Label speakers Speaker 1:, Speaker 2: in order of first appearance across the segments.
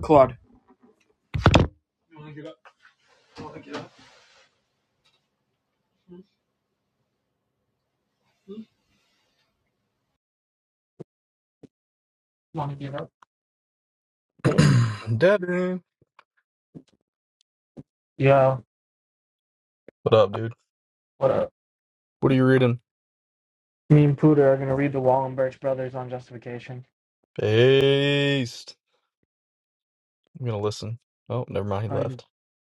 Speaker 1: Claude. Want to give up?
Speaker 2: Devin.
Speaker 1: Yeah.
Speaker 2: What up, dude?
Speaker 1: What up?
Speaker 2: What are you reading?
Speaker 1: Me and Pooter are gonna read the Wallenberg brothers on justification.
Speaker 2: Based. I'm gonna listen. Oh, never mind, he
Speaker 1: I,
Speaker 2: left.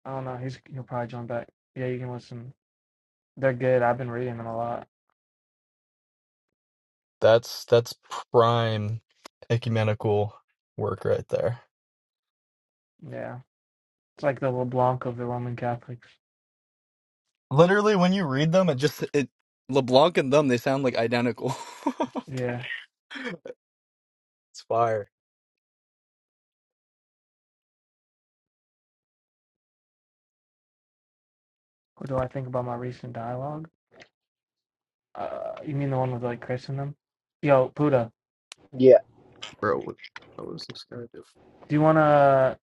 Speaker 1: I don't know. He's he'll probably join back. Yeah, you can listen. They're good. I've been reading them a lot.
Speaker 2: That's that's prime ecumenical work right there.
Speaker 1: Yeah. It's like the LeBlanc of the Roman Catholics.
Speaker 2: Literally when you read them, it just it LeBlanc and them, they sound like identical.
Speaker 1: Yeah.
Speaker 2: it's fire.
Speaker 1: What do I think about my recent dialogue? Uh, you mean the one with like Chris in them? Yo, Puda,
Speaker 3: Yeah.
Speaker 2: Bro, what the hell is this guy doing?
Speaker 1: do you wanna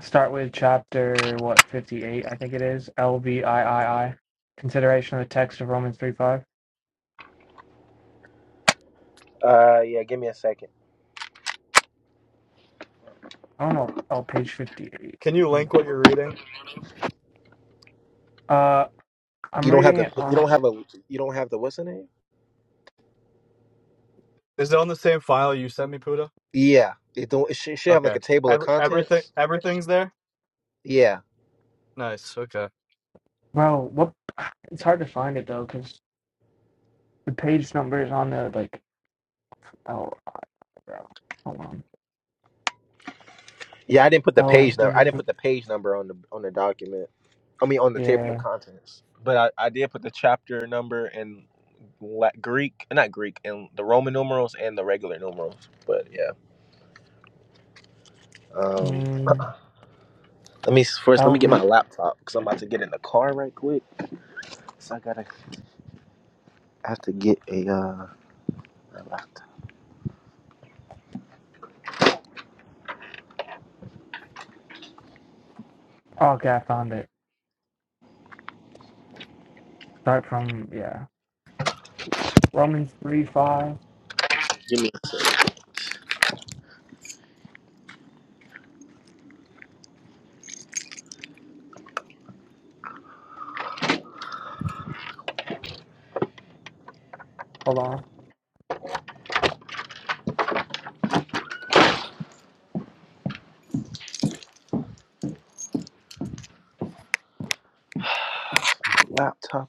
Speaker 1: start with chapter what fifty eight? I think it is L V I I I. Consideration of the text of Romans three five.
Speaker 3: Uh yeah, give me a second.
Speaker 1: I don't know. Oh, page fifty
Speaker 2: Can you
Speaker 1: eight.
Speaker 2: link what you're reading?
Speaker 1: Uh,
Speaker 3: You
Speaker 1: I'm
Speaker 3: don't have
Speaker 1: reading
Speaker 3: the
Speaker 1: it
Speaker 3: you
Speaker 1: on.
Speaker 3: don't have a you don't have the what's the name?
Speaker 2: Is it on the same file you sent me, Puda?
Speaker 3: Yeah. It don't it should, it should have
Speaker 2: Okay.
Speaker 3: like a table of
Speaker 2: Every, everything
Speaker 3: contents.
Speaker 2: everything's there?
Speaker 3: Yeah.
Speaker 2: Nice. Okay.
Speaker 1: Well, what? It's hard to find it though, cause the page number is on the like. Oh, bro, hold on.
Speaker 3: Yeah, I didn't put the page number I didn't
Speaker 1: LV.
Speaker 3: put the page number on the on the document. I mean on the table of
Speaker 1: Yeah.
Speaker 3: contents. But I, I did put the chapter number and La- Greek, not Greek, and the Roman numerals and the regular numerals. But yeah, um,
Speaker 1: Mm,
Speaker 3: let me first let me get my
Speaker 1: LV.
Speaker 3: laptop because I'm about to get in the car right quick. So I gotta I have to get a uh, a laptop.
Speaker 1: Oh, okay, I found it. Start from yeah. Romans three five.
Speaker 3: Give me a second.
Speaker 1: Hold on.
Speaker 3: laptop.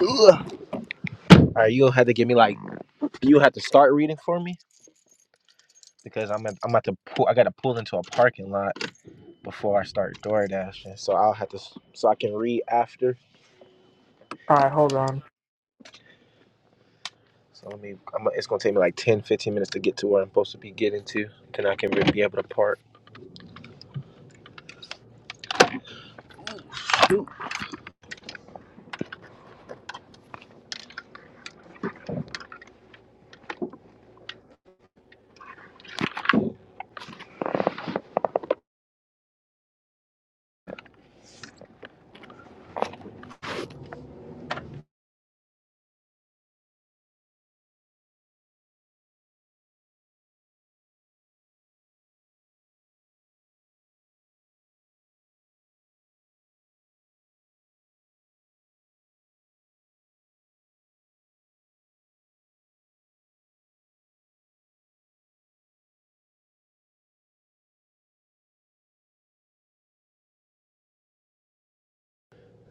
Speaker 3: Ugh. All right, you'll have to give me like you have to start reading for me because I'm at, I'm about to pull. I got to pull into a parking lot before I start door dashing, so I'll have to s- so I can read after.
Speaker 1: All right, hold on.
Speaker 3: So let me. I'm, it's gonna take me like 10 15 minutes to get to where I'm supposed to be getting to. Then I can be able to park. Ooh.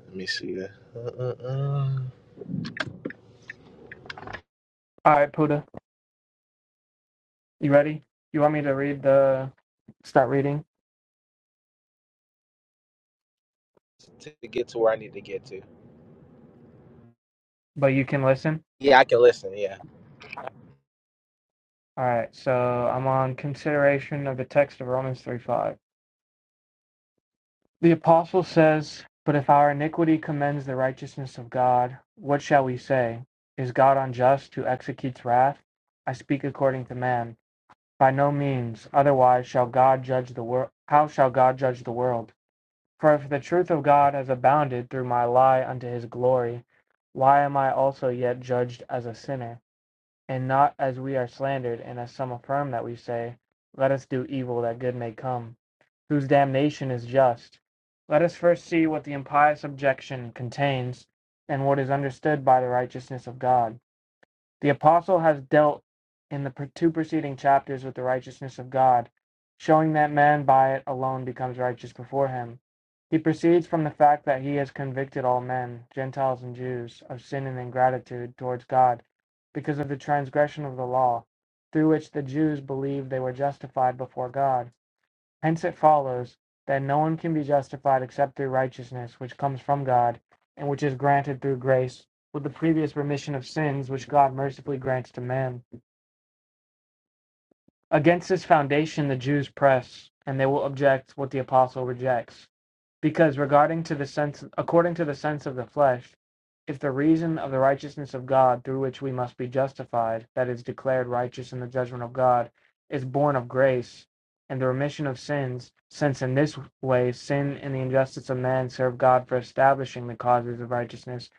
Speaker 3: Let me see. that. Uh, uh, uh.
Speaker 1: All right, Puda. You ready? You want me to read the start reading,
Speaker 3: To get to where I need to get to.
Speaker 1: but you can listen?
Speaker 3: Yeah, I can listen. Yeah.
Speaker 1: All right, so I'm on consideration of the text of Romans 3 5. The apostle says, But if our iniquity commends the righteousness of God, what shall we say? Is God unjust who executes wrath? I speak according to man. By no means, otherwise shall God judge the world. How shall God judge the world? For if the truth of God has abounded through my lie unto his glory, why am I also yet judged as a sinner? and not as we are slandered, and as some affirm that we say, Let us do evil that good may come, whose damnation is just. Let us first see what the impious objection contains, and what is understood by the righteousness of God. The apostle has dealt in the two preceding chapters with the righteousness of God, showing that man by it alone becomes righteous before him. He proceeds from the fact that he has convicted all men, Gentiles and Jews, of sin and ingratitude towards God because of the transgression of the law, through which the Jews believed they were justified before God Hence it follows that no one can be justified except through righteousness which comes from God and which is granted through grace with the previous remission of sins which God mercifully grants to man. Against this foundation the Jews press, and they will object what the apostle rejects. Because regarding to the sense according to the sense of the flesh, if the reason of the righteousness of God through which we must be justified, that is declared righteous in the judgment of God, is born of grace and the remission of sins, since in this way sin and the injustice of man serve God for establishing the causes of righteousness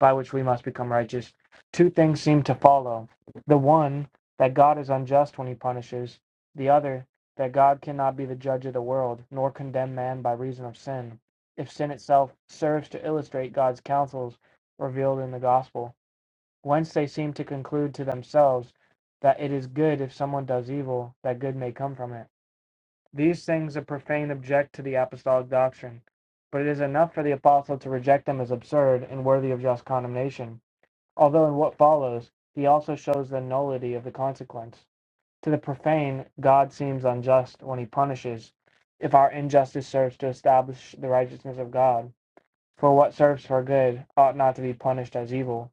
Speaker 1: by which we must become righteous, two things seem to follow. The one that God is unjust when he punishes, the other, that God cannot be the judge of the world, nor condemn man by reason of sin, if sin itself serves to illustrate God's counsels revealed in the gospel. Whence they seem to conclude to themselves that it is good if someone does evil, that good may come from it. These things the profane object to the apostolic doctrine, but it is enough for the apostle to reject them as absurd and worthy of just condemnation, although in what follows he also shows the nullity of the consequence. To the profane, God seems unjust when he punishes, if our injustice serves to establish the righteousness of God. For what serves for good ought not to be punished as evil.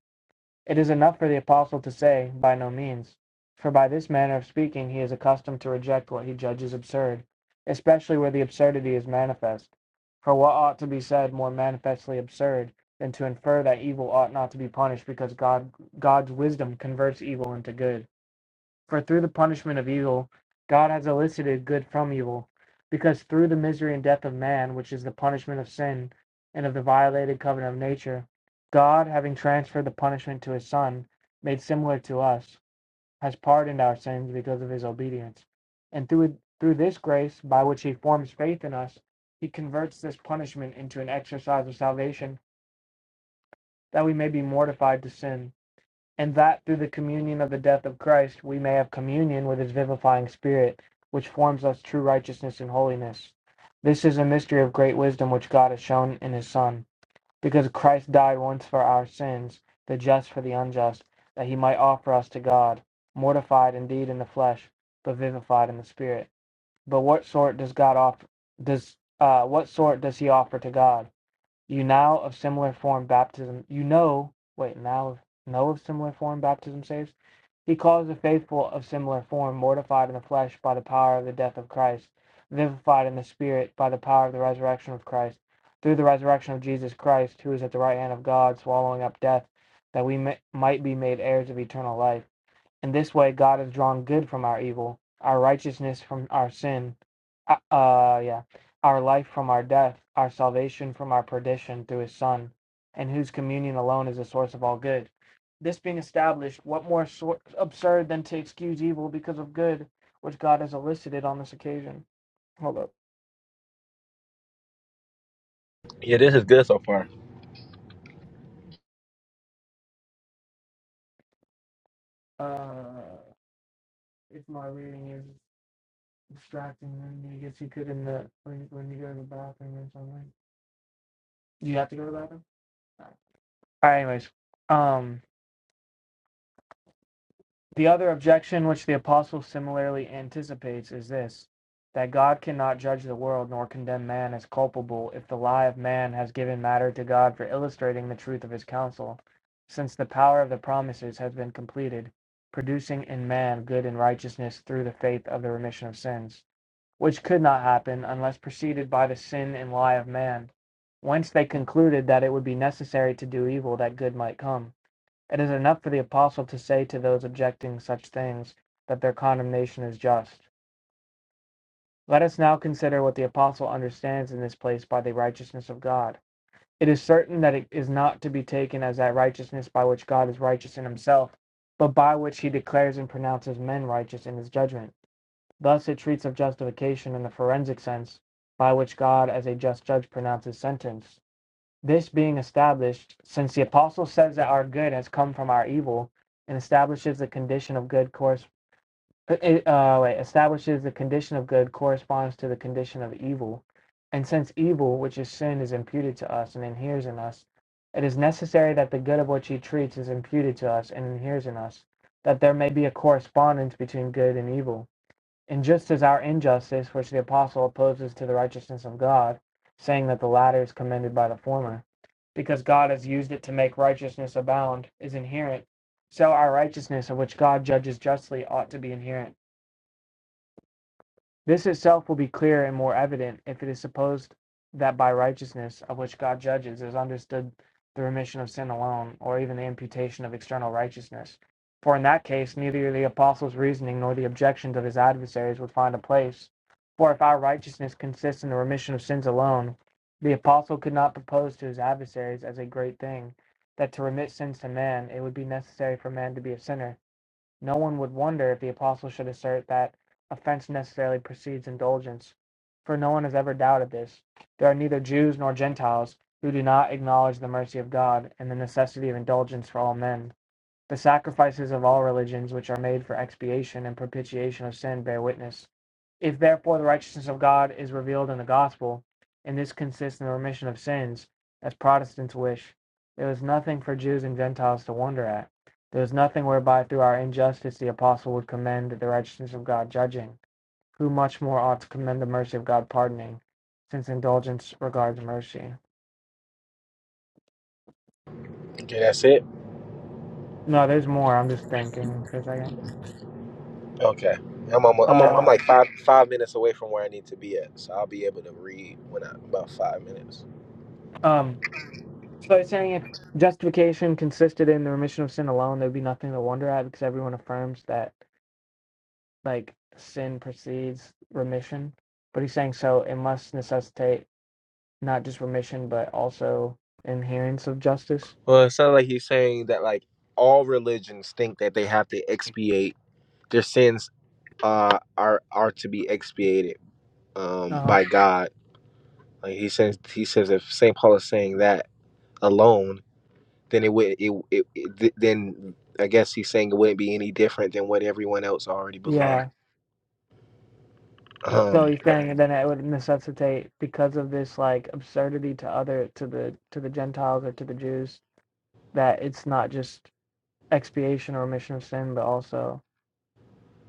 Speaker 1: It is enough for the apostle to say, By no means. For by this manner of speaking he is accustomed to reject what he judges absurd, especially where the absurdity is manifest. For what ought to be said more manifestly absurd than to infer that evil ought not to be punished because God, God's wisdom converts evil into good? For through the punishment of evil, God has elicited good from evil, because through the misery and death of man, which is the punishment of sin and of the violated covenant of nature, God, having transferred the punishment to his Son, made similar to us, has pardoned our sins because of his obedience. And through, it- through this grace, by which he forms faith in us, he converts this punishment into an exercise of salvation, that we may be mortified to sin and that through the communion of the death of Christ we may have communion with his vivifying spirit, which forms us true righteousness and holiness. This is a mystery of great wisdom which God has shown in his Son, because Christ died once for our sins, the just for the unjust, that he might offer us to God, mortified indeed in the flesh, but vivified in the spirit. But what sort does God offer does uh what sort does he offer to God? You now of similar form baptism, you know, wait, now know of similar form baptism saves. He calls the faithful of similar form, mortified in the flesh by the power of the death of Christ, vivified in the spirit by the power of the resurrection of Christ, through the resurrection of Jesus Christ, who is at the right hand of God, swallowing up death, that we may, might be made heirs of eternal life. In this way, God has drawn good from our evil, our righteousness from our sin, uh, uh, yeah, our life from our death, our salvation from our perdition through His Son, and whose communion alone is the source of all good. This being established, what more sor- absurd than to excuse evil because of good, which God has elicited on this occasion? Hold up.
Speaker 3: Yeah, this is good so far.
Speaker 1: Uh, if my reading is distracting, then I guess you could in the when when you go to the bathroom or something. Do you have to go to the bathroom? All right. Anyways, um. The other objection which the apostle similarly anticipates is this that God cannot judge the world nor condemn man as culpable if the lie of man has given matter to God for illustrating the truth of his counsel, since the power of the promises has been completed, producing in man good and righteousness through the faith of the remission of sins, which could not happen unless preceded by the sin and lie of man, whence they concluded that it would be necessary to do evil that good might come. It is enough for the Apostle to say to those objecting such things that their condemnation is just. Let us now consider what the Apostle understands in this place by the righteousness of God. It is certain that it is not to be taken as that righteousness by which God is righteous in himself, but by which he declares and pronounces men righteous in his judgment. Thus it treats of justification in the forensic sense, by which God as a just judge pronounces sentence, this being established, since the apostle says that our good has come from our evil, and establishes the condition of good course, uh, uh, wait, establishes the condition of good corresponds to the condition of evil, and since evil, which is sin, is imputed to us and inheres in us, it is necessary that the good of which he treats is imputed to us and inheres in us, that there may be a correspondence between good and evil. And just as our injustice, which the apostle opposes to the righteousness of God, saying that the latter is commended by the former, because God has used it to make righteousness abound, is inherent, so our righteousness, of which God judges justly, ought to be inherent. This itself will be clear and more evident if it is supposed that by righteousness, of which God judges, is understood the remission of sin alone, or even the imputation of external righteousness. For in that case, neither the apostle's reasoning nor the objections of his adversaries would find a place. For if our righteousness consists in the remission of sins alone, the apostle could not propose to his adversaries as a great thing that to remit sins to man it would be necessary for man to be a sinner no one would wonder if the apostle should assert that offense necessarily precedes indulgence, for no one has ever doubted this. There are neither Jews nor Gentiles who do not acknowledge the mercy of God and the necessity of indulgence for all men. The sacrifices of all religions which are made for expiation and propitiation of sin bear witness. If therefore the righteousness of God is revealed in the gospel, and this consists in the remission of sins, as Protestants wish, there is nothing for Jews and Gentiles to wonder at. There is nothing whereby through our injustice the apostle would commend the righteousness of God judging, who much more ought to commend the mercy of God pardoning, since indulgence regards mercy.
Speaker 3: Okay, that's it.
Speaker 1: No, there's more. I'm just thinking for a second.
Speaker 3: Okay. I'm almo I'm, I'm
Speaker 1: Uh,
Speaker 3: like five five minutes away from where I need to be at, so I'll be able to read when I about five minutes.
Speaker 1: um, So it's saying if justification consisted in the remission of sin alone, there'd be nothing to wonder at because everyone affirms that like sin precedes remission. But he's saying so it must necessitate not just remission but also adherence of justice.
Speaker 3: Well, it sounds like he's saying that like all religions think that they have to expiate their sins uh, are are to be expiated um,
Speaker 1: Uh-huh.
Speaker 3: by God. Like he says, he says if Saint Paul is saying that alone, then it would it, it, it th- then I guess he's saying it wouldn't be any different than what everyone else already believed.
Speaker 1: Yeah. So
Speaker 3: Um,
Speaker 1: he's saying then it would necessitate because of this like absurdity to other to the to the Gentiles or to the Jews that it's not just expiation or remission of sin but also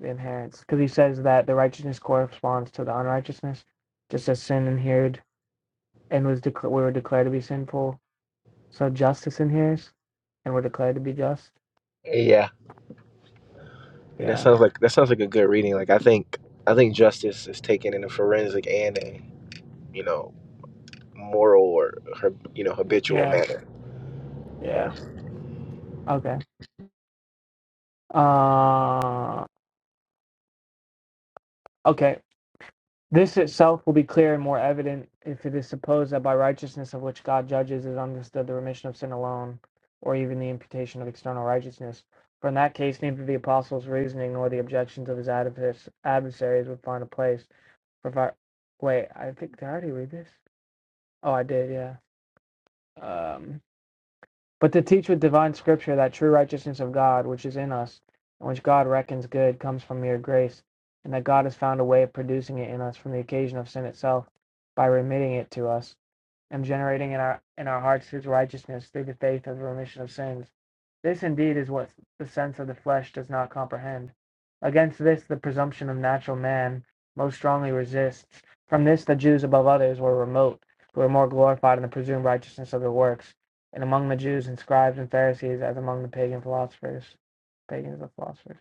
Speaker 1: inherits because he says that the righteousness corresponds to the unrighteousness, just as sin inhered and was declared we were declared to be sinful. So justice inheres and we're declared to be just.
Speaker 3: Yeah. And that
Speaker 1: Yeah.
Speaker 3: sounds like that sounds like a good reading. Like I think I think justice is taken in a forensic and a you know moral or her you know habitual
Speaker 1: Yeah.
Speaker 3: manner. Yeah,
Speaker 1: Yeah. Okay. Uh. Okay. This itself will be clear and more evident if it is supposed that by righteousness of which God judges is understood the remission of sin alone, or even the imputation of external righteousness. For in that case, neither the apostle's reasoning nor the objections of his adversaries would find a place. For if I, wait, I think did I already read this? Oh, I did. Yeah. Um, but to teach with divine scripture that true righteousness of God, which is in us, and which God reckons good, comes from mere grace, and that God has found a way of producing it in us from the occasion of sin itself by remitting it to us, and generating in our in our hearts his righteousness through the faith of the remission of sins. This indeed is what the sense of the flesh does not comprehend. Against this the presumption of natural man most strongly resists. From this the Jews above others were remote, who were more glorified in the presumed righteousness of their works and among the Jews and scribes and Pharisees as among the pagan philosophers. Pagans and philosophers.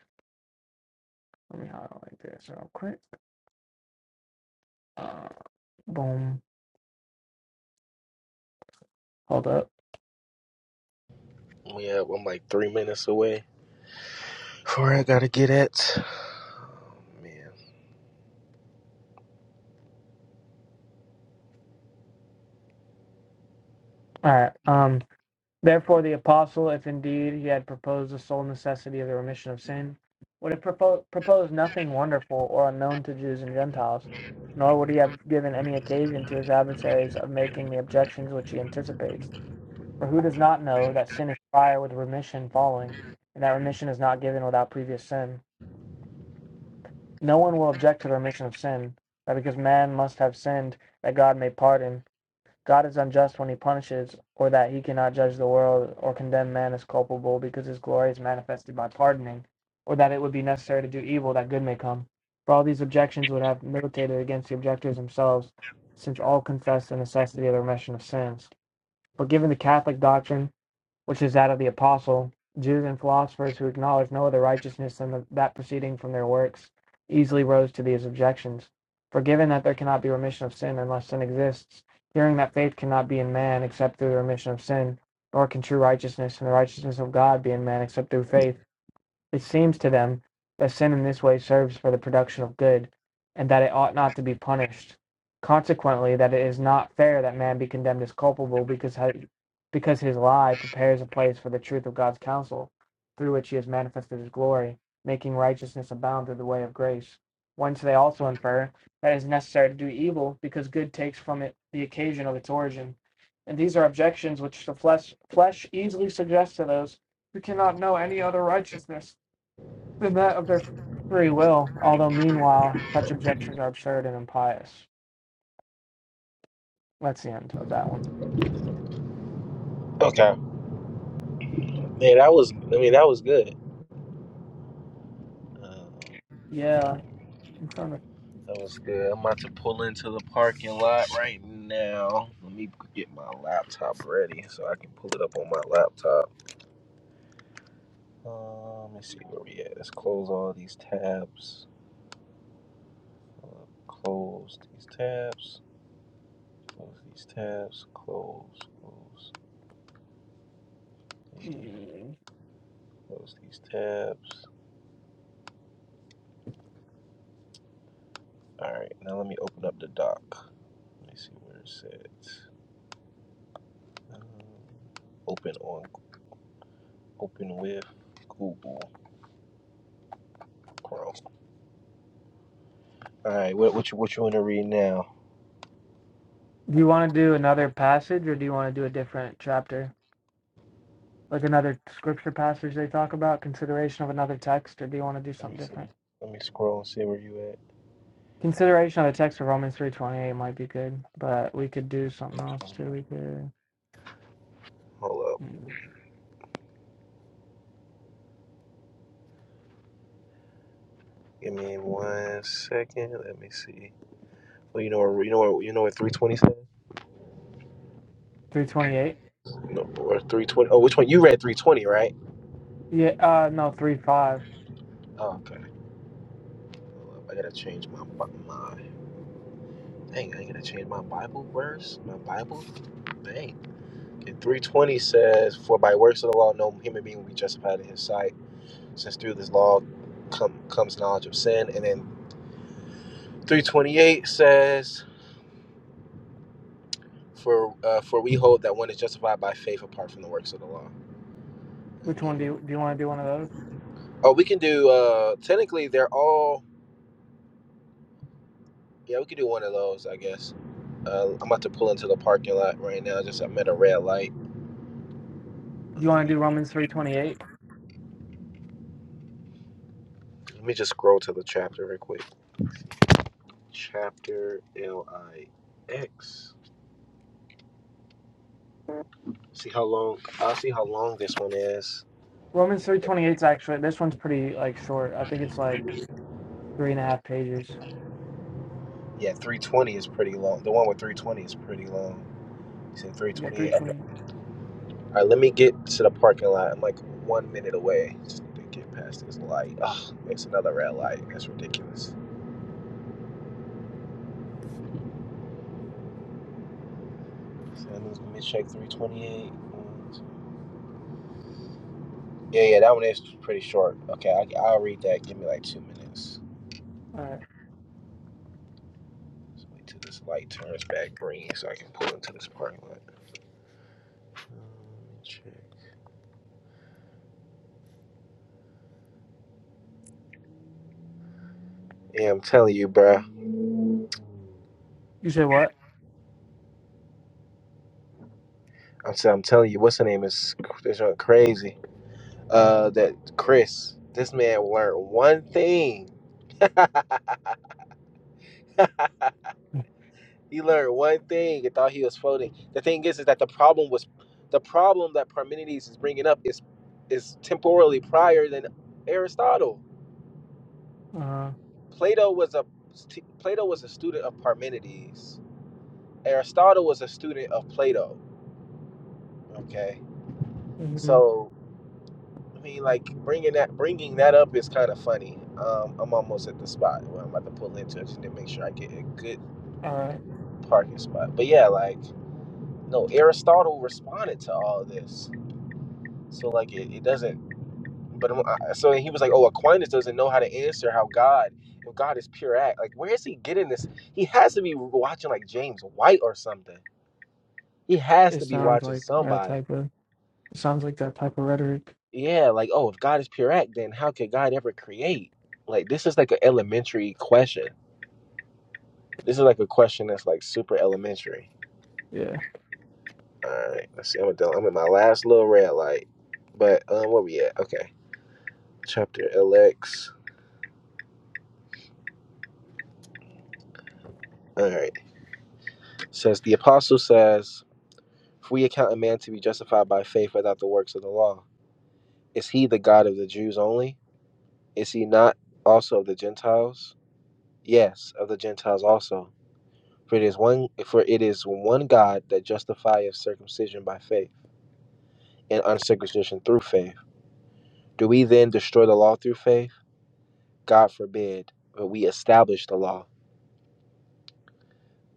Speaker 1: Let me highlight like this real quick. Uh, boom. Hold up.
Speaker 3: yeah. I'm like three minutes away. from Where I gotta get at? Man,
Speaker 1: All right. Um, therefore, the apostle, if indeed he had proposed the sole necessity of the remission of sin, would have propo- proposed nothing wonderful or unknown to Jews and Gentiles, nor would he have given any occasion to his adversaries of making the objections which he anticipates. For who does not know that sin is prior with remission following, and that remission is not given without previous sin? No one will object to the remission of sin, that because man must have sinned, that God may pardon. God is unjust when he punishes, or that he cannot judge the world or condemn man as culpable, because his glory is manifested by pardoning, or that it would be necessary to do evil that good may come. For all these objections would have militated against the objectors themselves, since all confess the necessity of the remission of sins. But given the Catholic doctrine, which is that of the apostle. Jews and philosophers who acknowledge no other righteousness than the, that proceeding from their works easily rose to these objections. For given that there cannot be remission of sin unless sin exists, hearing that faith cannot be in man except through the remission of sin, nor can true righteousness and the righteousness of God be in man except through faith, it seems to them that sin in this way serves for the production of good, and that it ought not to be punished. Consequently, that it is not fair that man be condemned as culpable because because his lie prepares a place for the truth of God's counsel, through which he has manifested his glory, making righteousness abound through the way of grace. Whence they also infer that it is necessary to do evil because good takes from it the occasion of its origin. And these are objections which the flesh, flesh easily suggests to those who cannot know any other righteousness than that of their free will, although meanwhile such objections are absurd and impious. That's the end of that one.
Speaker 3: okay, man. That was I mean that was good. Um,
Speaker 1: Yeah. I'm trying to-
Speaker 3: That was good. I'm about to pull into the parking lot right now. Let me get my laptop ready so I can pull it up on my laptop. Uh, let me see where we at. Let's close all these tabs. Uh, close these tabs. Close these tabs. Close. Close. Leave.
Speaker 1: Do
Speaker 3: Close these tabs. All right. Now let me open up the doc. Let me see where it says. Um, open on. Open with Google Chrome. All right. What what you what you want to read now?
Speaker 1: you want to do another passage or do you want to do a different chapter? Like another scripture passage they talk about, consideration of another text, or do you want to do
Speaker 3: Let me
Speaker 1: something
Speaker 3: see.
Speaker 1: different?
Speaker 3: Let me scroll and see where you at.
Speaker 1: Consideration of the text of Romans three twenty eight might be good, but we could do something else too. We could
Speaker 3: Hold up.
Speaker 1: hmm,
Speaker 3: Give me one second. Let me see. Well, you know, you know, you know what three twenty says.
Speaker 1: three twenty eight.
Speaker 3: No, or 320. Oh, which one? You read 320, right?
Speaker 1: Yeah, uh, no, three five.
Speaker 3: Oh, okay. I gotta change my, Bi- my, dang, I gotta change my Bible verse? My Bible? Dang. Okay, 320 says, For by works of the law, no human being will be justified in his sight, since through this law come, comes knowledge of sin. And then 328 says, For uh, for we hold that one is justified by faith apart from the works of the law. I
Speaker 1: Which one
Speaker 3: mean,
Speaker 1: do
Speaker 3: we-
Speaker 1: you do? You want to do one of those?
Speaker 3: oh, we can do, uh, technically, they're all. Yeah, we could do one of those, I guess. Uh, I'm about to pull into the parking lot right now. Just I'm at a red light.
Speaker 1: Do you want to do Romans three twenty eight?
Speaker 3: Let me just scroll to the chapter real quick. Chapter L I X. See how long. I'll see how long this one is.
Speaker 1: Romans three twenty eight is actually this one's pretty like short. I think it's like three and a half pages.
Speaker 3: Yeah, 320 is pretty long. The one with 320 is pretty long. It's in
Speaker 1: You got three
Speaker 3: 328. Okay.
Speaker 1: twenty.
Speaker 3: All right, let me get to the parking lot. I'm like one minute away. Just need to get past this light. Oh, it's another red light. That's ridiculous. So let me let me check 328. Yeah, yeah, that one is pretty short. Okay, I, I'll read that. Give me like two minutes.
Speaker 1: All right.
Speaker 3: Just wait till this light turns back green so I can pull into this parking lot. Yeah, I'm telling you, bruh.
Speaker 1: You say what?
Speaker 3: I'm, t- I'm telling you, what's her name is this one crazy. Uh, that Chris. This man learned one thing. he learned one thing and thought he was floating. The thing is, is that the problem was, the problem that Parmenides is bringing up is, is temporally prior than Aristotle.
Speaker 1: Uh.
Speaker 3: Plato was a Plato was a student of Parmenides. Aristotle was a student of Plato. Okay,
Speaker 1: mhm.
Speaker 3: so I mean, like bringing that bringing that up is kind of funny. Um, I'm almost at the spot where I'm about to pull into it just to make sure I get a good
Speaker 1: All right.
Speaker 3: parking spot. But yeah, like no, Aristotle responded to all of this, so like it, it doesn't. But I'm- I, so he was like, oh, Aquinas doesn't know how to answer how God. If God is pure act, like where is he getting this? He has to be watching like James White or something He has
Speaker 1: It
Speaker 3: to be
Speaker 1: sounds
Speaker 3: watching
Speaker 1: like that
Speaker 3: somebody.
Speaker 1: type of. It sounds like that type of rhetoric.
Speaker 3: Yeah, like, oh, if God is pure act, then how could God ever create? Like, this is like an elementary question. This is like a question that's like super elementary.
Speaker 1: Yeah.
Speaker 3: All right, let's see. I'm, done. I'm in my last little red light. But um, where we at? Okay, chapter LX. All right. Says the apostle says, "If we account a man to be justified by faith without the works of the law, is he the God of the Jews only? Is he not also of the Gentiles? Yes, of the Gentiles also." For it is one for it is one God that justifieth circumcision by faith and uncircumcision through faith. Do we then destroy the law through faith? God forbid, but we establish the law.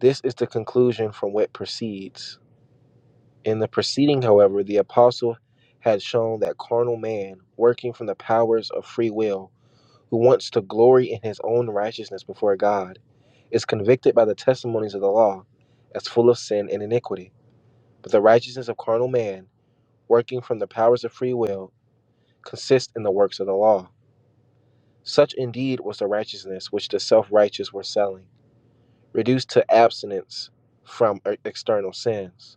Speaker 3: This is the conclusion from what proceeds. In the proceeding, however, the apostle had shown that carnal man, working from the powers of free will, who wants to glory in his own righteousness before God, is convicted by the testimonies of the law as full of sin and iniquity. But the righteousness of carnal man working from the powers of free will, consist in the works of the law. Such indeed was the righteousness which the self righteous were selling, reduced to abstinence from e- external sins,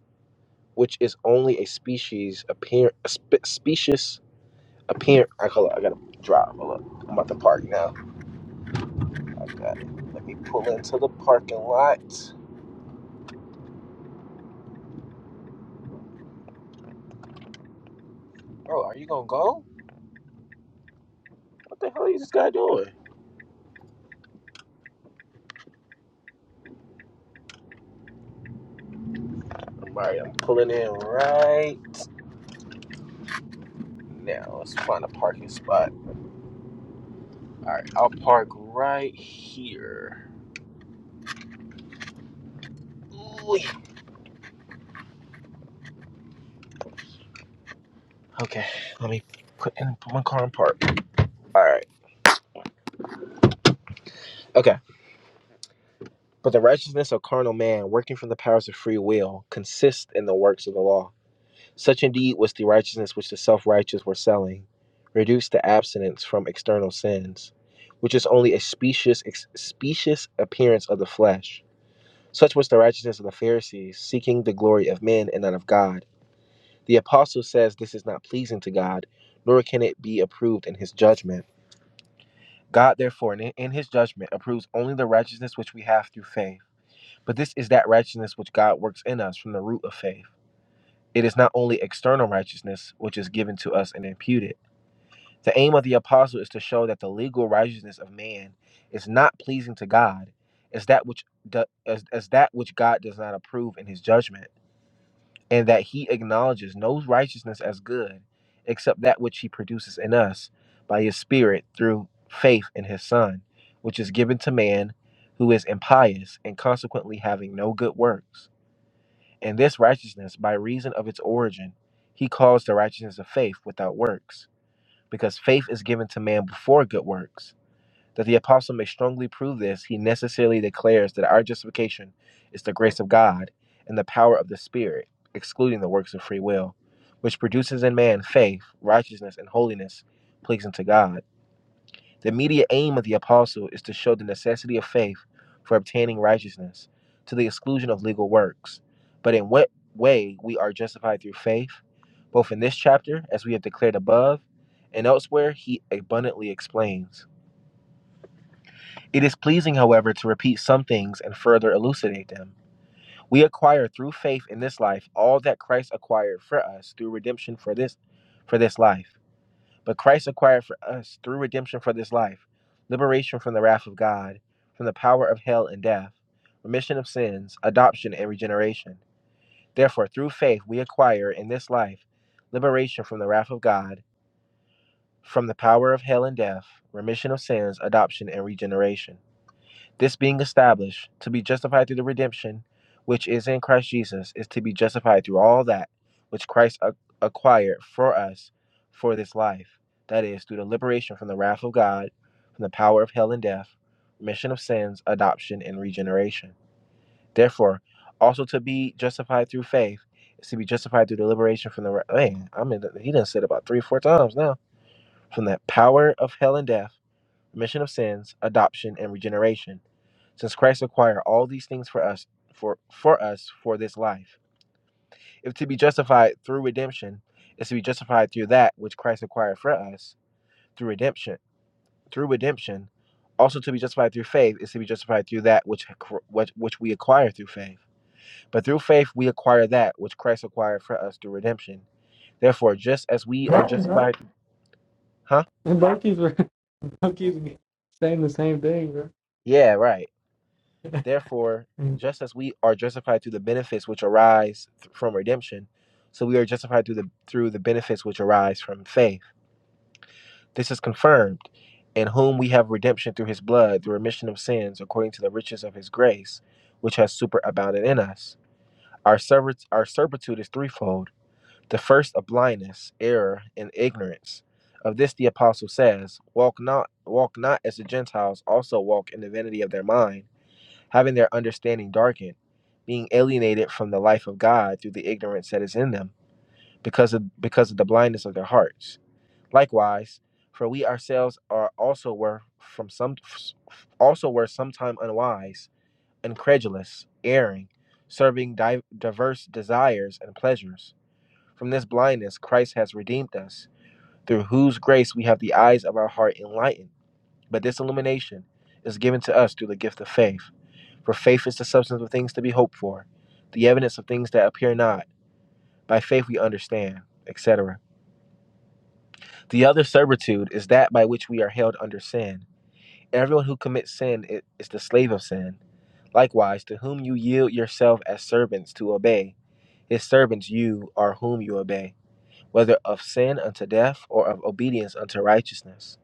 Speaker 3: which is only a species appear a spe- specious appear. I call it. I gotta drive. Hold up. I'm about to park now. I got it. Let me pull into the parking lot. Bro, are you gonna go? What the hell is this guy doing? All right, I'm pulling in right now. Let's find a parking spot. All right, I'll park right here. Okay, let me put in put my car in park. All right. Okay. But the righteousness of carnal man, working from the powers of free will, consists in the works of the law. Such indeed was the righteousness which the self righteous were selling, reduced to abstinence from external sins, which is only a specious, specious appearance of the flesh. Such was the righteousness of the Pharisees, seeking the glory of men and not of God The apostle says this is not pleasing to God, nor can it be approved in his judgment. God, therefore, in his judgment, approves only the righteousness which we have through faith. But this is that righteousness which God works in us from the root of faith. It is not only external righteousness which is given to us and imputed. The aim of the apostle is to show that the legal righteousness of man is not pleasing to God, is that which do, as, as that which God does not approve in his judgment. and that he acknowledges no righteousness as good except that which he produces in us by his spirit through faith in his son which is given to man who is impious and consequently having no good works and this righteousness by reason of its origin he calls the righteousness of faith without works because faith is given to man before good works that the apostle may strongly prove this, he necessarily declares that our justification is the grace of God and the power of the Spirit, excluding the works of free will, which produces in man faith, righteousness, and holiness pleasing to God. The immediate aim of the apostle is to show the necessity of faith for obtaining righteousness to the exclusion of legal works. But in what way we are justified through faith, both in this chapter, as we have declared above, and elsewhere, he abundantly explains. It is pleasing, however, to repeat some things and further elucidate them. We acquire through faith in this life all that Christ acquired for us through redemption for this for this life. But Christ acquired for us through redemption for this life, liberation from the wrath of God, from the power of hell and death, remission of sins, adoption and regeneration. Therefore, through faith we acquire in this life liberation from the wrath of God, from the power of hell and death, remission of sins, adoption and regeneration. This being established, to be justified through the redemption which is in Christ Jesus, is to be justified through all that which Christ acquired for us for this life. That is, through the liberation from the wrath of God, from the power of hell and death, remission of sins, adoption, and regeneration. Therefore, also to be justified through faith is to be justified through the liberation from the Man, I mean, he done said about three, or four times now. From the power of hell and death, remission of sins, adoption, and regeneration since Christ acquired all these things for us for for us for this life. If to be justified through redemption is to be justified through that which Christ acquired for us through redemption through redemption, also to be justified through faith is to be justified through that which which, which we acquire through faith. But through faith we acquire that which Christ acquired for us through redemption. Therefore, just as we
Speaker 1: No,
Speaker 3: are
Speaker 1: no.
Speaker 3: justified, huh?
Speaker 1: And Bucky's Bucky's saying the same thing, bro.
Speaker 3: Yeah, right. Therefore, just as we are justified through the benefits which arise th- from redemption, so we are justified through the through the benefits which arise from faith. This is confirmed in whom we have redemption through his blood, the remission of sins according to the riches of his grace, which has superabounded in us. Our servit- our servitude is threefold. The first of blindness, error, and ignorance. Of this the apostle says, walk not walk not as the Gentiles also walk in the vanity of their mind having their understanding darkened, being alienated from the life of God through the ignorance that is in them because of because of the blindness of their hearts. Likewise, for we ourselves are also were from some also were sometime unwise, incredulous, erring, serving di- diverse desires and pleasures. From this blindness Christ has redeemed us, through whose grace we have the eyes of our heart enlightened. But this illumination is given to us through the gift of faith for faith is the substance of things to be hoped for, the evidence of things that appear not. By faith we understand, etc. The other servitude is that by which we are held under sin. Everyone who commits sin is the slave of sin. Likewise, to whom you yield yourself as servants to obey, his servants you are whom you obey, whether of sin unto death or of obedience unto righteousness.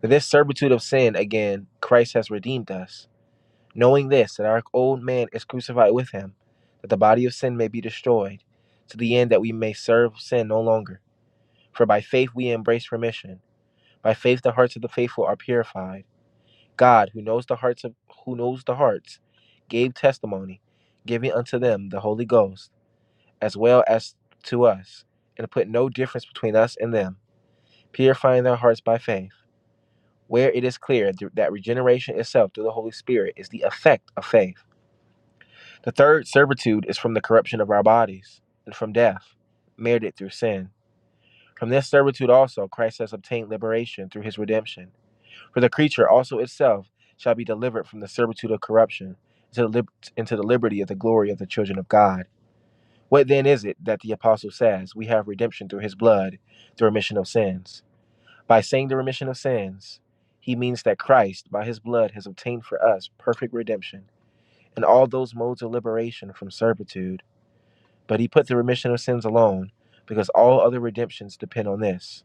Speaker 3: For this servitude of sin, again, Christ has redeemed us knowing this, that our old man is crucified with him, that the body of sin may be destroyed, to the end that we may serve sin no longer. For by faith we embrace remission. By faith the hearts of the faithful are purified. God, who knows the hearts of who knows the hearts, gave testimony, giving unto them the Holy Ghost, as well as to us, and put no difference between us and them, purifying their hearts by faith. Where it is clear that regeneration itself through the Holy Spirit is the effect of faith The third servitude is from the corruption of our bodies and from death, merited through sin. From this servitude also Christ has obtained liberation through his redemption. For the creature also itself shall be delivered from the servitude of corruption into the, into the liberty of the glory of the children of God. What then is it that the apostle says, We have redemption through his blood, the remission of sins? By saying the remission of sins, he means that Christ, by his blood, has obtained for us perfect redemption and all those modes of liberation from servitude but he put the remission of sins alone, because all other redemptions depend on this.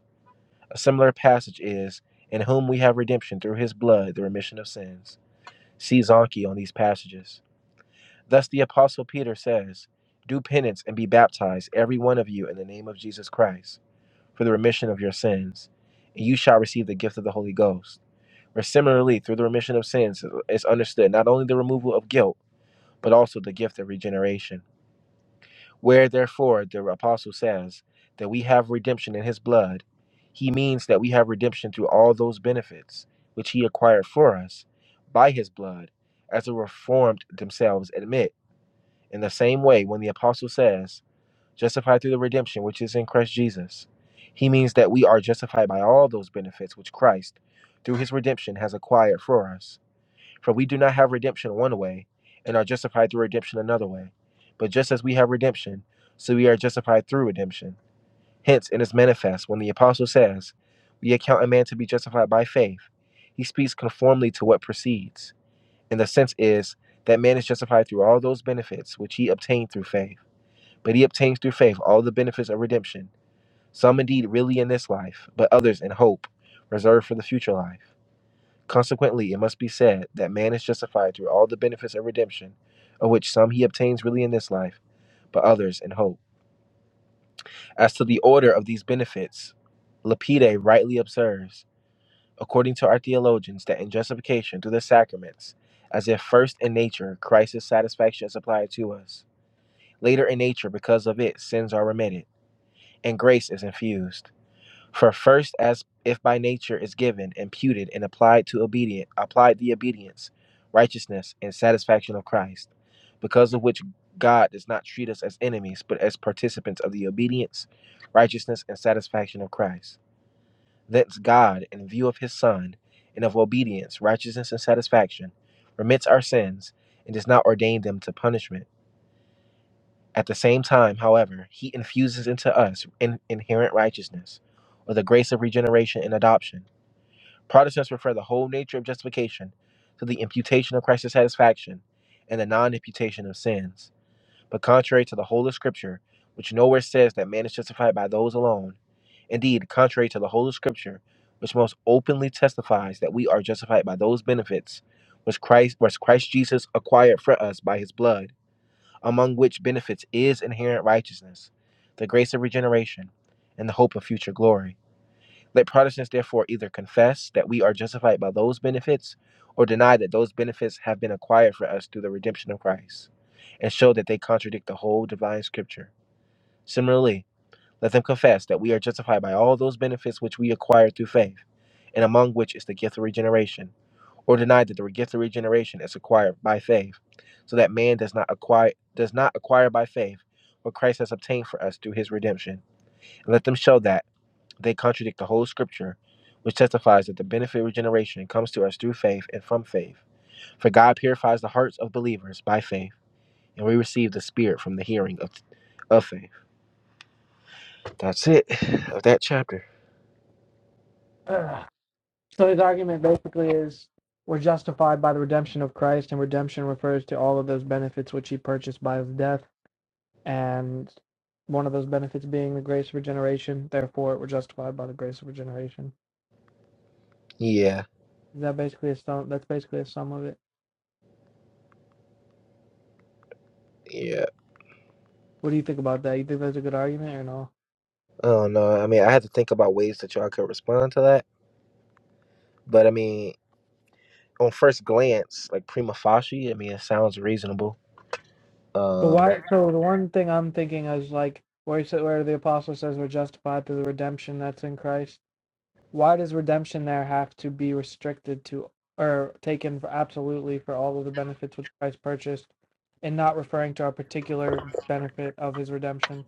Speaker 3: A similar passage is, In whom we have redemption through his blood, the remission of sins. See Zonke on these passages. Thus the Apostle Peter says, Do penance and be baptized, every one of you, in the name of Jesus Christ, for the remission of your sins, and you shall receive the gift of the Holy Ghost. Where similarly, through the remission of sins is understood not only the removal of guilt, but also the gift of regeneration. Where therefore the apostle says that we have redemption in his blood, he means that we have redemption through all those benefits which he acquired for us by his blood, as the reformed themselves admit. In the same way, when the apostle says, justified through the redemption which is in Christ Jesus, he means that we are justified by all those benefits which Christ, through his redemption, has acquired for us. For we do not have redemption one way, and are justified through redemption another way. But just as we have redemption, so we are justified through redemption. Hence, it is manifest when the apostle says, We account a man to be justified by faith. He speaks conformly to what precedes. And the sense is that man is justified through all those benefits which he obtained through faith. But he obtains through faith all the benefits of redemption, some indeed really in this life, but others in hope, reserved for the future life. Consequently, it must be said that man is justified through all the benefits of redemption, of which some he obtains really in this life, but others in hope. As to the order of these benefits, Lapide rightly observes, according to our theologians, that in justification through the sacraments, as if first in nature Christ's satisfaction is applied to us, later in nature because of it sins are remitted, and grace is infused. For first, as if by nature is given, imputed, and applied to obedient, applied the obedience, righteousness, and satisfaction of Christ, because of which God does not treat us as enemies, but as participants of the obedience, righteousness, and satisfaction of Christ. Thence God, in view of his Son, and of obedience, righteousness, and satisfaction, remits our sins, and does not ordain them to punishment. At the same time, however, he infuses into us in- inherent righteousness, or the grace of regeneration and adoption Protestants refer the whole nature of justification to the imputation of Christ's satisfaction and the non imputation of sins. But contrary to the whole of Scripture, which nowhere says that man is justified by those alone, indeed, contrary to the whole of Scripture, which most openly testifies that we are justified by those benefits which Christ, which Christ Jesus acquired for us by his blood, among which benefits is inherent righteousness, the grace of regeneration, and the hope of future glory. Let Protestants therefore either confess that we are justified by those benefits or deny that those benefits have been acquired for us through the redemption of Christ and show that they contradict the whole divine scripture. Similarly, let them confess that we are justified by all those benefits which we acquire through faith, and among which is the gift of regeneration, or deny that the gift of regeneration is acquired by faith, so that man does not acquire does not acquire by faith what Christ has obtained for us through his redemption. And let them show that they contradict the whole scripture, which testifies that the benefit of regeneration comes to us through faith and from faith. For God purifies the hearts of believers by faith, and we receive the Spirit from the hearing of, of faith. That's it of that chapter.
Speaker 1: So his argument basically is we're justified by the redemption of Christ, and redemption refers to all of those benefits which he purchased by his death. and one of those benefits being the grace of regeneration. Therefore, we're justified by the grace of regeneration.
Speaker 3: Yeah,
Speaker 1: Is that basically a sum? That's basically a sum of it.
Speaker 3: yeah.
Speaker 1: What do you think about that? You think that's a good argument or no?
Speaker 3: I don't know. I mean, I had to think about ways that y'all could respond to that, but I mean, on first glance, like prima facie, I mean, it sounds reasonable.
Speaker 1: But
Speaker 3: Um,
Speaker 1: why? So the one thing I'm thinking is like where he said, where the apostle says we're justified through the redemption that's in Christ. Why does redemption there have to be restricted to or taken for absolutely for all of the benefits which Christ purchased, and not referring to our particular benefit of His redemption?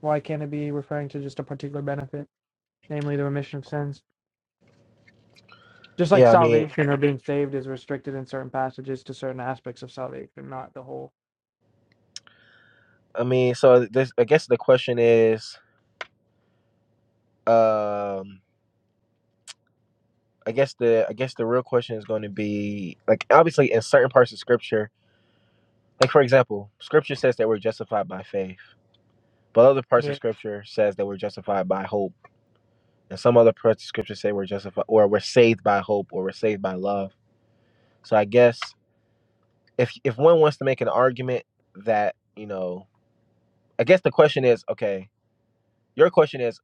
Speaker 1: why can't it be referring to just a particular benefit, namely the remission of sins? Just like
Speaker 3: yeah, I mean,
Speaker 1: salvation or being saved is restricted in certain passages to certain aspects of salvation, not the whole.
Speaker 3: I mean, so this, I guess the question is. Um, I guess the I guess the real question is going to be like obviously in certain parts of scripture, like for example, scripture says that we're justified by faith, but other parts of
Speaker 1: Yeah.
Speaker 3: scripture says that we're justified by hope, and some other parts of scripture say we're justified or we're saved by hope or we're saved by love. So I guess if if one wants to make an argument that you know, I guess the question is okay. Your question is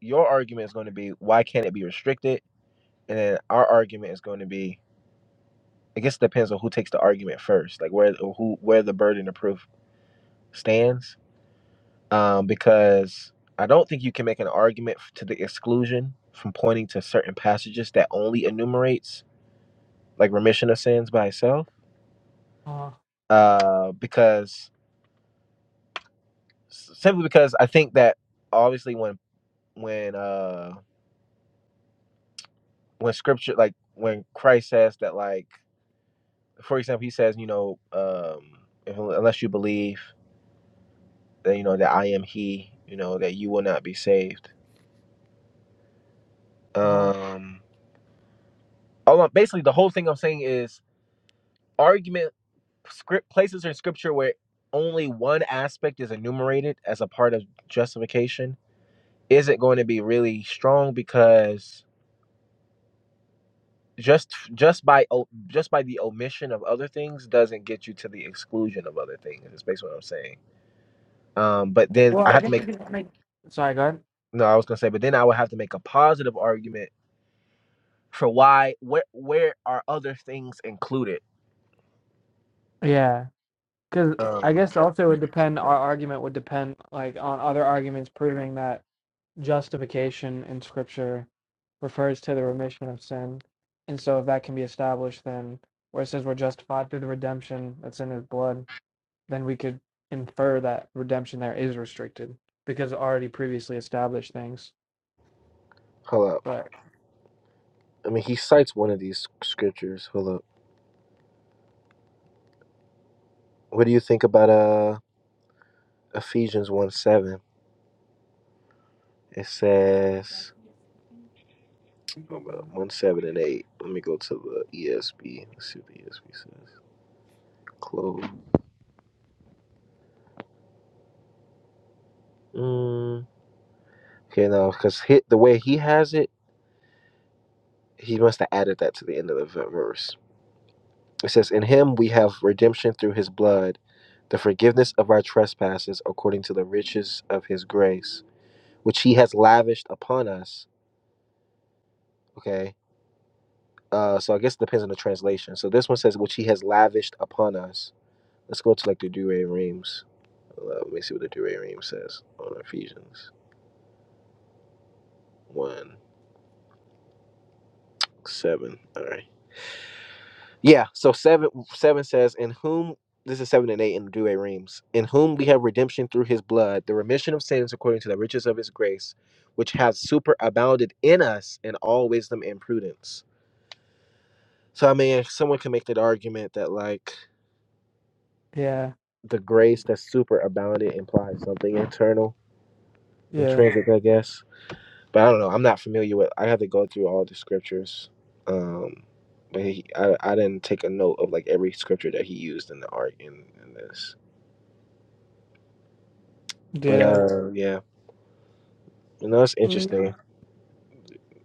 Speaker 3: your argument is going to be why can't it be restricted, and then our argument is going to be I guess it depends on who takes the argument first, like where or who where the burden of proof stands. Um, because I don't think you can make an argument f- to the exclusion from pointing to certain passages that only enumerates like remission of sins by itself.
Speaker 1: Uh,
Speaker 3: Uh, because simply because I think that obviously when when uh when scripture like when Christ says that like for example he says you know um if, unless you believe that you know that I am He you know that you will not be saved
Speaker 1: uh
Speaker 3: um all I'm, basically the whole thing i'm saying is argument script places in scripture where only one aspect is enumerated as a part of justification isn't going to be really strong because just just by o- just by the omission of other things doesn't get you to the exclusion of other things is basically what i'm saying um but then
Speaker 1: Well,
Speaker 3: i
Speaker 1: I
Speaker 3: have to
Speaker 1: guess we
Speaker 3: make
Speaker 1: can make. Sorry, go ahead.
Speaker 3: no i was gonna say but then i would have to make a positive argument for why where where are other things included
Speaker 1: Yeah, because I
Speaker 3: um
Speaker 1: guess also it
Speaker 3: yeah.
Speaker 1: would depend. Our argument would depend like on other arguments proving that justification in Scripture refers to the remission of sin, and so if that can be established, then where it says we're justified through the redemption that's in His blood then we could infer that redemption there is restricted because of already previously established things.
Speaker 3: hold up
Speaker 1: But
Speaker 3: I mean, he cites one of these scriptures. Hold up. What do you think about uh Ephesians one seven? It says about one seven and eight. Let me go to the ESV. Let's see what the ESB says. Close. Mm. Okay, no, because the way he has it, he must have added that to the end of the verse. It says, "In Him we have redemption through His blood, the forgiveness of our trespasses, according to the riches of His grace, which He has lavished upon us." Okay Uh, so I guess it depends on the translation. So this one says, which he has lavished upon us. Let's go to like the Douay Reams. Uh, Let me see what the Douay Reams says on Ephesians 1 7. All right. Yeah. So 7 7 says, in whom, this is 7 and 8 in the Douay Reams, in whom we have redemption through his blood, the remission of sins according to the riches of his grace, which has superabounded in us in all wisdom and prudence. So I mean, someone can make that argument that like
Speaker 1: yeah,
Speaker 3: the grace that super abounded implies something internal,
Speaker 1: yeah,
Speaker 3: intrinsic, I guess. But I don't know. I'm not familiar with. I had to go through all the scriptures, um, but he, I, I didn't take a note of like every scripture that he used in the art in, in this. But
Speaker 1: yeah,
Speaker 3: uh, yeah, you know, it's
Speaker 1: Mm,
Speaker 3: interesting.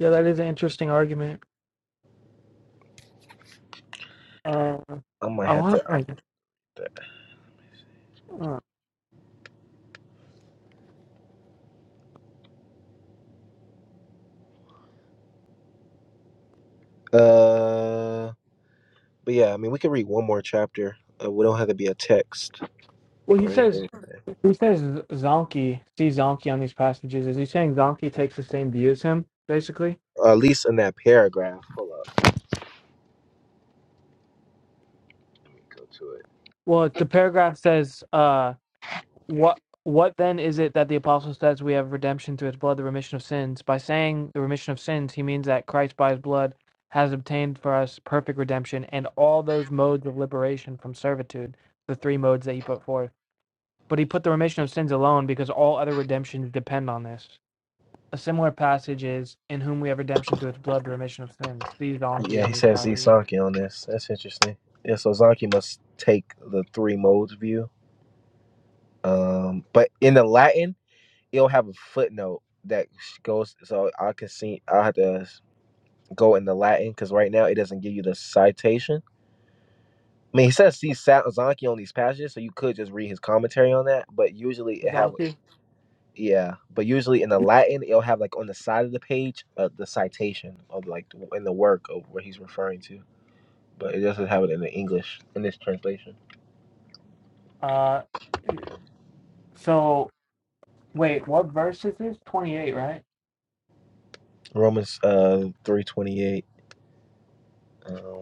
Speaker 1: yeah. That is an interesting argument. Uh,
Speaker 3: I might
Speaker 1: I
Speaker 3: have
Speaker 1: want.
Speaker 3: to.
Speaker 1: to. Uh,
Speaker 3: Uh, but yeah, I mean, we could read one more chapter. Uh, we don't have to be a text
Speaker 1: well, he
Speaker 3: or
Speaker 1: says
Speaker 3: anything,
Speaker 1: he says Z- Zonky see Zonky on these passages. Is he saying Zonky takes the same view as him, basically?
Speaker 3: or at least in that paragraph. Hold on. Let me go to it.
Speaker 1: Well, the paragraph says. uh What what then is it that the apostle says we have redemption through his blood, the remission of sins? By saying the remission of sins, he means that Christ by his blood has obtained for us perfect redemption and all those modes of liberation from servitude, the three modes that he put forth. But he put the remission of sins alone because all other redemptions depend on this. A similar passage is in whom we have redemption through his blood, the remission of sins. See donkey
Speaker 3: Yeah,
Speaker 1: on
Speaker 3: he
Speaker 1: these
Speaker 3: says
Speaker 1: passages.
Speaker 3: Izaki on this. That's interesting. Yeah, so Zaki must take the three modes view. Um, but in the Latin, it'll have a footnote that goes. So I can see. I have to go in the Latin because right now it doesn't give you the citation. I mean, he says see Sa- on these passages, so you could just read his commentary on that. But usually it have
Speaker 1: Donkey.
Speaker 3: yeah. But usually in the Latin, it'll have like on the side of the page uh, the citation of like in the work of what he's referring to. but it doesn't have it in the English in this translation.
Speaker 1: Uh so wait, what verse is this? Twenty eight, right?
Speaker 3: Romans uh three twenty eight. Um,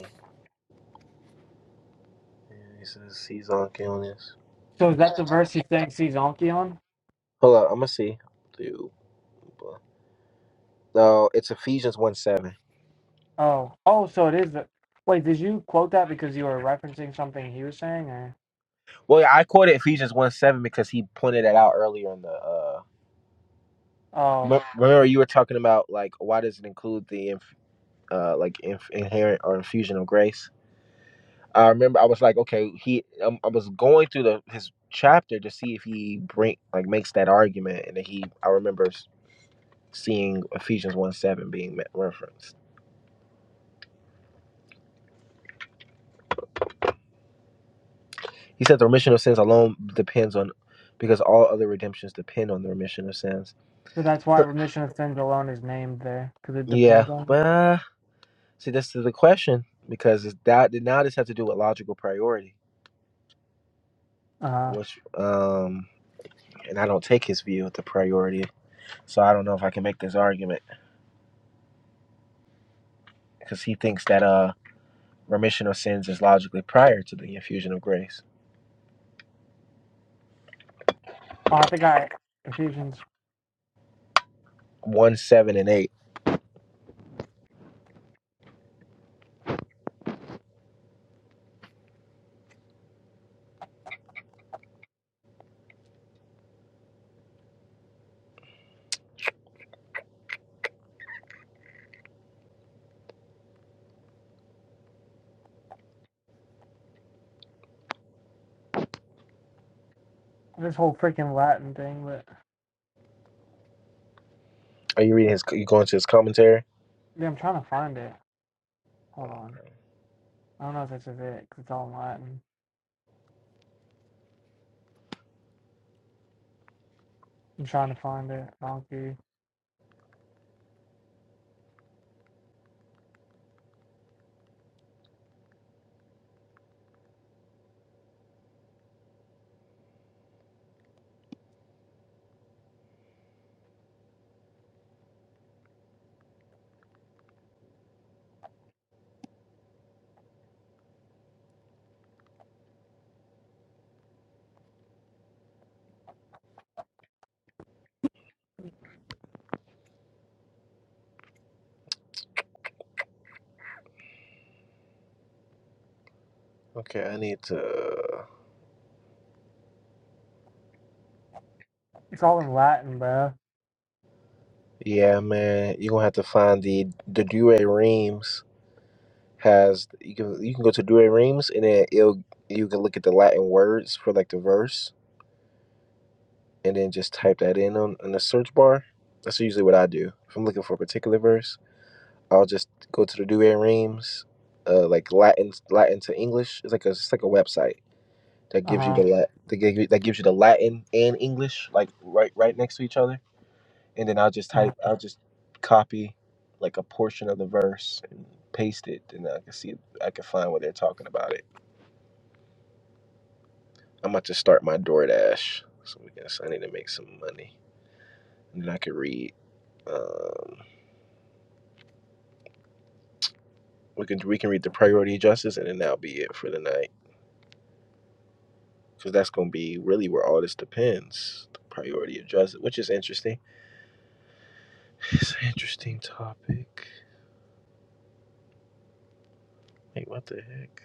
Speaker 3: he says he's on killing
Speaker 1: So is that the verse he's saying sees Anki on?
Speaker 3: Hold up, I'm gonna see. Dude, no, it's Ephesians one seven.
Speaker 1: Oh, oh, so it is. The, wait, did you quote that because you were referencing something he was saying, or
Speaker 3: Well, yeah, I quoted Ephesians one seven because he pointed that out earlier in the. uh
Speaker 1: oh,
Speaker 3: me- Remember, you were talking about like why does it include the inf- uh like inf- inherent or infusion of grace? I remember I was like, okay, he. Um, I was going through the his chapter to see if he bring like makes that argument, and then he. I remember seeing Ephesians 1 7 being referenced. He said the remission of sins alone depends on, because all other redemptions depend on the remission of sins.
Speaker 1: so that's why
Speaker 3: So-
Speaker 1: remission of sins alone is named there because it
Speaker 3: yeah,
Speaker 1: depends on.
Speaker 3: but
Speaker 1: It.
Speaker 3: uh, see, this is the question because that now this has to do with logical priority,
Speaker 1: Uh, huh.
Speaker 3: which um, and I don't take his view of the priority, so I don't know if I can make this argument because he thinks that uh remission of sins is logically prior to the infusion of grace.
Speaker 1: oh, I think I Ephesians
Speaker 3: One seven and eight.
Speaker 1: this whole freaking Latin thing, but
Speaker 3: Are you reading his? You going to his commentary?
Speaker 1: yeah, I'm trying to find it. Hold on, I don't know if this is it because it's all in Latin. I'm trying to find it. Donkey,
Speaker 3: Okay, I need to.
Speaker 1: it's all in Latin, bro.
Speaker 3: Yeah, man, you're gonna have to find the the Dure Reams has you can you can go to Dure Reams and then it'll you can look at the Latin words for like the verse and then just type that in on, on the search bar. That's usually what I do. If I'm looking for a particular verse, I'll just go to the Dure Reams, uh, like Latin Latin to English. It's like a it's like a website that
Speaker 1: Uh huh.
Speaker 3: gives you the
Speaker 1: Uh-huh.
Speaker 3: Lat that gives you, that gives you the Latin and English like right right next to each other and then I'll just
Speaker 1: Uh-huh.
Speaker 3: type, I'll just copy like a portion of the verse and paste it, and I can see, I can find what they're talking about it. I'm about to start my DoorDash, so we can, so I need to make some money, and then I can read. Um, we can we can read the priority justice, and then that'll be it for the night, because that's gonna be really where all this depends. The priority of justice, which is interesting. It's an interesting topic. Wait, what the heck?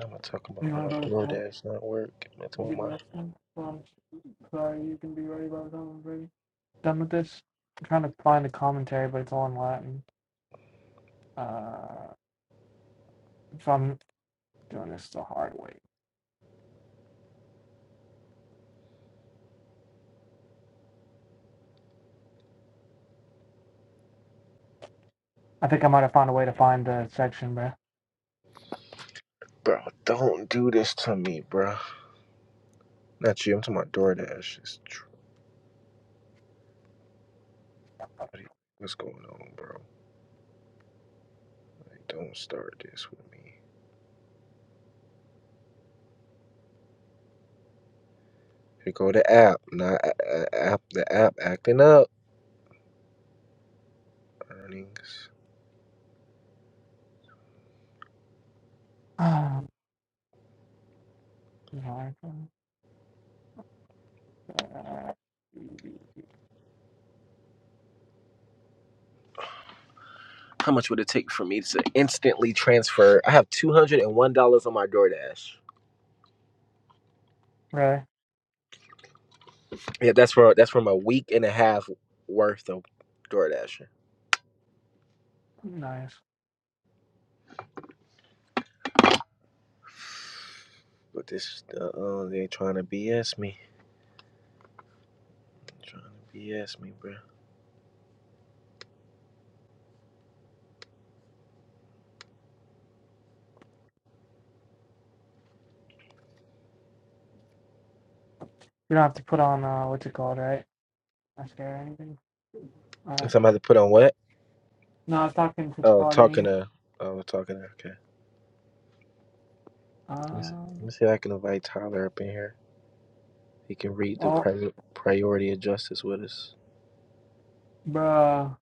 Speaker 3: I'm gonna talk about
Speaker 1: You know
Speaker 3: my
Speaker 1: about it,
Speaker 3: DoorDash not work. I'm gonna talk about
Speaker 1: good
Speaker 3: my
Speaker 1: direction. Um, sorry, you can be ready by the time I'm ready. Done with this. I'm trying to find the commentary, but it's all in Latin. Uh, so I'm doing this the hard way. I think I might have found a way to find the section, bro.
Speaker 3: Bro, don't do this to me, bro. Not you. I'm talking about DoorDash. It's tr- What's going on, bro? Like, don't start this with me. Here go the app. Not a- app. The app acting up. Earnings.
Speaker 1: Ah, uh,
Speaker 3: How much would it take for me to instantly transfer? I have two hundred and one dollars on my DoorDash.
Speaker 1: Really
Speaker 3: Yeah, that's for that's from a week and a half worth of DoorDashing.
Speaker 1: nice.
Speaker 3: But this, uh, uh, they trying to BS me. Trying to BS me, bro.
Speaker 1: You don't have to put on uh, what's it called, right? Not sure anything. All right.
Speaker 3: Somebody put on what?
Speaker 1: No, I was talking to
Speaker 3: Oh, talking
Speaker 1: Claudine.
Speaker 3: to. Oh, talking to. Okay. Let me see, let
Speaker 1: Um.
Speaker 3: me see if I can invite Tyler up in here. He can read the
Speaker 1: Oh,
Speaker 3: pri- priority of justice with us.
Speaker 1: bruh,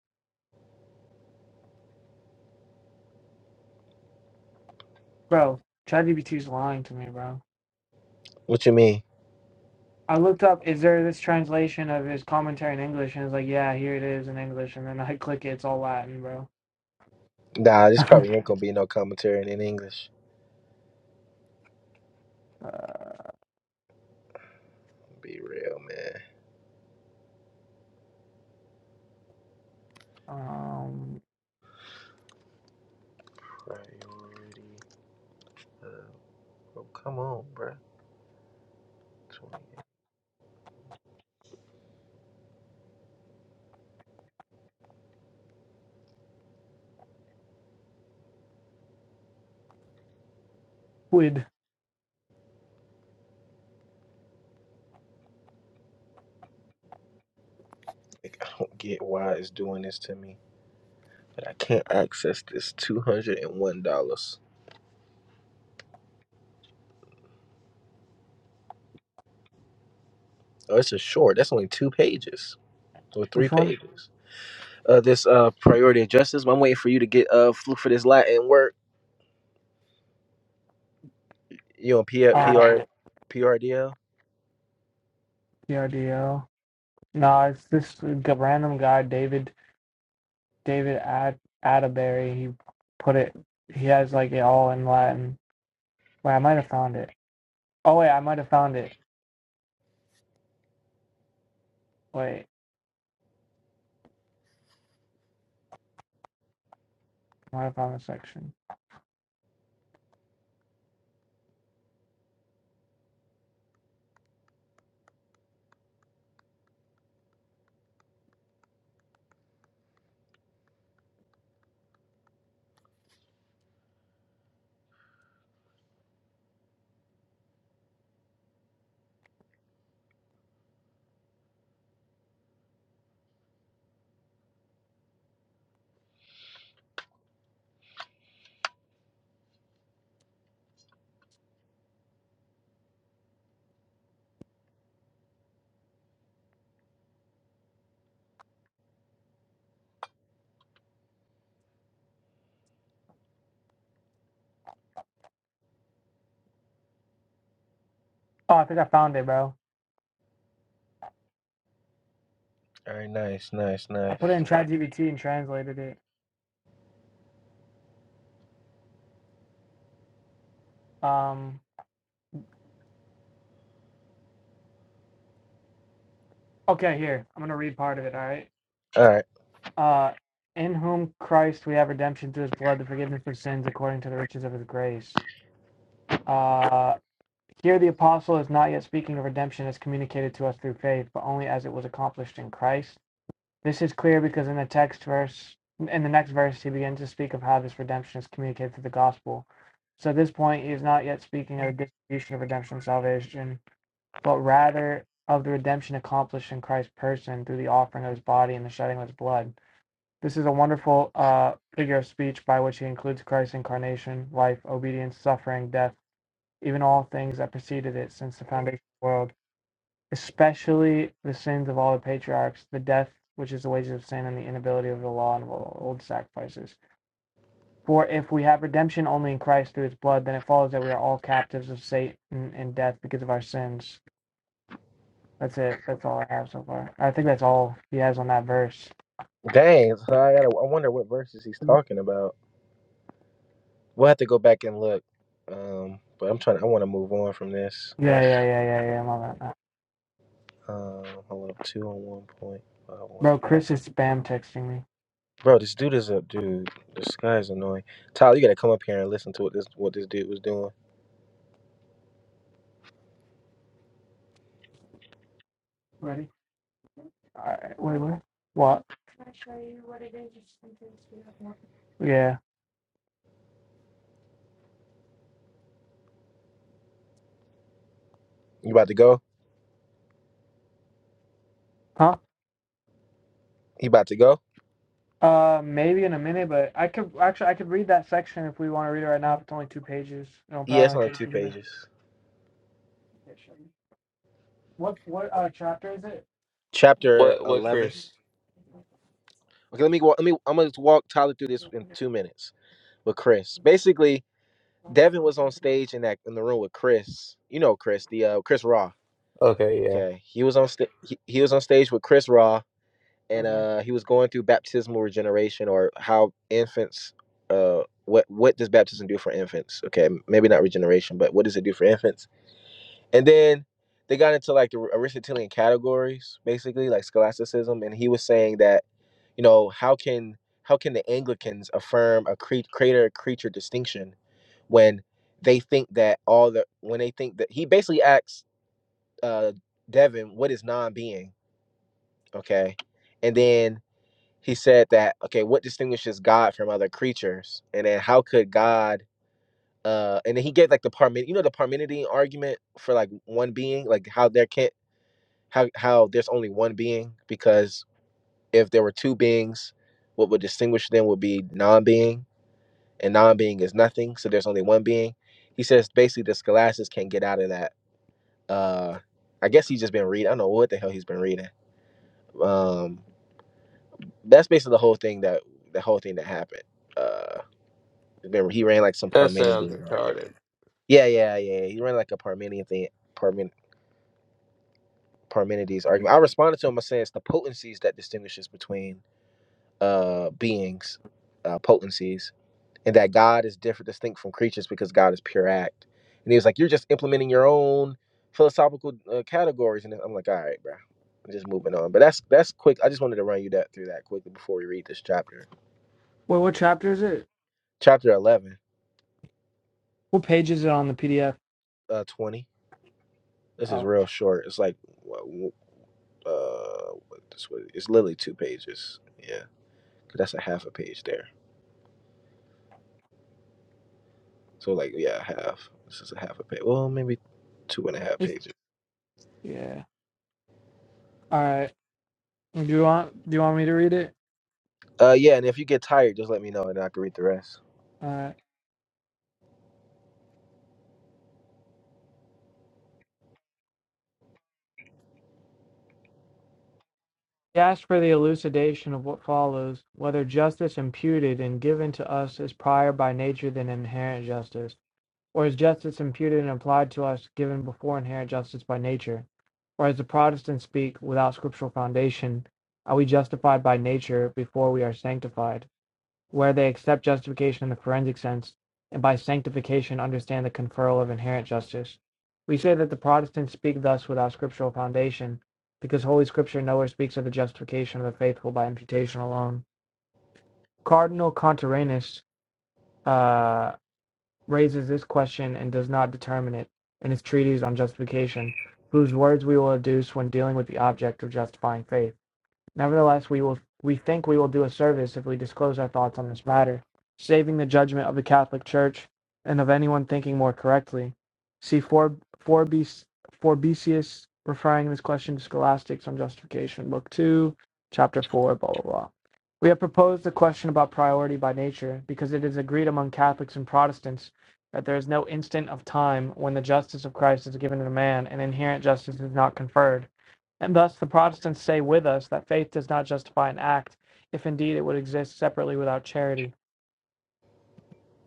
Speaker 1: bro, ChatGPT's lying to me, bro.
Speaker 3: What you mean?
Speaker 1: I looked up, is there this translation of his commentary in English? And it's like, yeah, here it is in English. And then I click it, it's all Latin, bro.
Speaker 3: Nah, this probably ain't gonna be no commentary in English. Be real, man.
Speaker 1: um,
Speaker 3: Priority. Of, oh, come on, bruh. 28.
Speaker 1: quid.
Speaker 3: Like, I don't get why it's doing this to me, but I can't access this two hundred and one dollars. Oh, it's a short. That's only two pages or three
Speaker 1: Which one?
Speaker 3: pages. uh, this uh, priority of justice. I'm waiting for you to get uh, flu for this Latin work. You on P- PR,
Speaker 1: Uh,
Speaker 3: PRDL?
Speaker 1: TRDO. No, it's this g- random guy, David David At Atterbury. He put it. He has like it all in Latin. Wait, I might have found it. Oh wait, I might have found it. Wait, I might have found the section. Oh, I think I found it, bro.
Speaker 3: All right, nice, nice,
Speaker 1: I
Speaker 3: nice.
Speaker 1: put it in ChatGPT and translated it. Um. Okay, here I'm gonna read part of it. All right.
Speaker 3: All right,
Speaker 1: Uh, in whom Christ we have redemption through His blood, the forgiveness of sins, according to the riches of His grace. Uh, here the apostle is not yet speaking of redemption as communicated to us through faith, but only as it was accomplished in Christ This is clear because in the text verse, in the next verse, he begins to speak of how this redemption is communicated through the gospel. So at this point, he is not yet speaking of the distribution of redemption and salvation, but rather of the redemption accomplished in Christ's person through the offering of his body and the shedding of his blood. This is a wonderful uh, figure of speech by which he includes Christ's incarnation, life, obedience, suffering, death, even all things that preceded it since the foundation of the world especially the sins of all the patriarchs, the death which is the wages of sin, and the inability of the law and of old sacrifices. For if we have redemption only in Christ through his blood, then it follows that we are all captives of Satan and death because of our sins. That's it. That's all I have so far. I think that's all he has on that verse.
Speaker 3: dang. So I gotta. I wonder what verses he's talking about. We'll have to go back and look. Um, but I'm trying. I want to move on from this.
Speaker 1: Yeah, yeah, yeah, yeah, yeah. i love that.
Speaker 3: Um, hold up, two on one point five one.
Speaker 1: Bro, Chris is spam texting me.
Speaker 3: Bro, this dude is a dude. This guy is annoying. Tyler, you gotta come up here and listen to what this what this dude was doing.
Speaker 1: Ready? All right. Wait, what? What? Can I show you what it is? Just in case we have more. Yeah.
Speaker 3: You about to go?
Speaker 1: Huh?
Speaker 3: He about to go?
Speaker 1: Uh, maybe in a minute, but I could actually I could read that section if we want to read it right now. If it's only two pages, it'll
Speaker 3: Yeah,
Speaker 1: probably
Speaker 3: it's
Speaker 1: only
Speaker 3: only
Speaker 1: take a
Speaker 3: two
Speaker 1: few minutes.
Speaker 3: pages.
Speaker 1: What what uh chapter is it?
Speaker 3: Chapter
Speaker 4: What? What,
Speaker 3: 11
Speaker 4: Chris?
Speaker 3: Okay, let me walk. Let me. I'm gonna just walk Tyler through this in two minutes with Chris. Basically, Devin was on stage in that in the room with Chris. You know Chris, the uh, Chris Raw.
Speaker 4: Okay, yeah,
Speaker 3: Okay, he was on sta- he, he was on stage with Chris Raw, and
Speaker 1: Okay.
Speaker 3: uh, he was going through baptismal regeneration or how infants. Uh, what what does baptism do for infants? Okay, maybe not regeneration, but what does it do for infants? And then they got into like the Aristotelian categories, basically like scholasticism, and he was saying that you know, how can how can the Anglicans affirm a cre- creator creature distinction when they think that all the when they think that he basically asks uh, Devin what is non-being, okay, and then he said that okay, what distinguishes God from other creatures, and then how could God uh, and then he gave like the Parmen, you know, the Parmenidean argument for like one being, like how there can't, how how there's only one being because if there were two beings, what would distinguish them would be non-being and non-being is nothing so there's only one being he says basically the scholastics can't get out of that uh i guess he's just been reading i don't know what the hell he's been reading um that's basically the whole thing that the whole thing that happened uh remember he ran like some
Speaker 4: that sounds
Speaker 3: parmenides argument
Speaker 4: retarded.
Speaker 3: yeah yeah yeah he ran like a Parmenides thing Parmen, parmenides argument i responded to him by saying it's the potencies that distinguishes between uh beings uh potencies and that God is different, distinct from creatures because God is pure act. And he was like, You're just implementing your own philosophical uh, categories. And I'm like, All right, bro. I'm just moving on. But that's that's quick. I just wanted to run you that through that quickly before we read this chapter.
Speaker 1: What what chapter is it?
Speaker 3: Chapter 11,
Speaker 1: What page is it on the PDF?
Speaker 3: uh, 20. This is
Speaker 1: Oh,
Speaker 3: real short. It's like, uh, what this was, it's literally two pages. Yeah, That's a half a page there. So, like, yeah, half. This is a half a page. Well, maybe two and a half
Speaker 1: it's
Speaker 3: pages.
Speaker 1: yeah. All right. Do you want do you want me to read it?
Speaker 3: Uh, yeah. And if you get tired, just let me know and I can read the rest.
Speaker 1: All right. He asked for the elucidation of what follows, whether justice imputed and given to us is prior by nature than inherent justice. Or is justice imputed and applied to us, given before inherent justice by nature? Or as the Protestants speak, without scriptural foundation, are we justified by nature before we are sanctified? Where they accept justification in the forensic sense, and by sanctification understand the conferral of inherent justice. We say that the Protestants speak thus without scriptural foundation, because Holy Scripture nowhere speaks of the justification of the faithful by imputation alone. Cardinal Contarenus, uh, raises this question and does not determine it in its treatise on justification, whose words we will adduce when dealing with the object of justifying faith. Nevertheless, we will we think we will do a service if we disclose our thoughts on this matter, saving the judgment of the Catholic Church and of anyone thinking more correctly. See for Forbesius referring this question to Scholastics on Justification, Book Two, Chapter Four, blah blah blah. We have proposed the question about priority by nature because it is agreed among Catholics and Protestants that there is no instant of time when the justice of Christ is given to man and inherent justice is not conferred and thus the Protestants say with us that faith does not justify an act, if indeed it would exist separately without charity.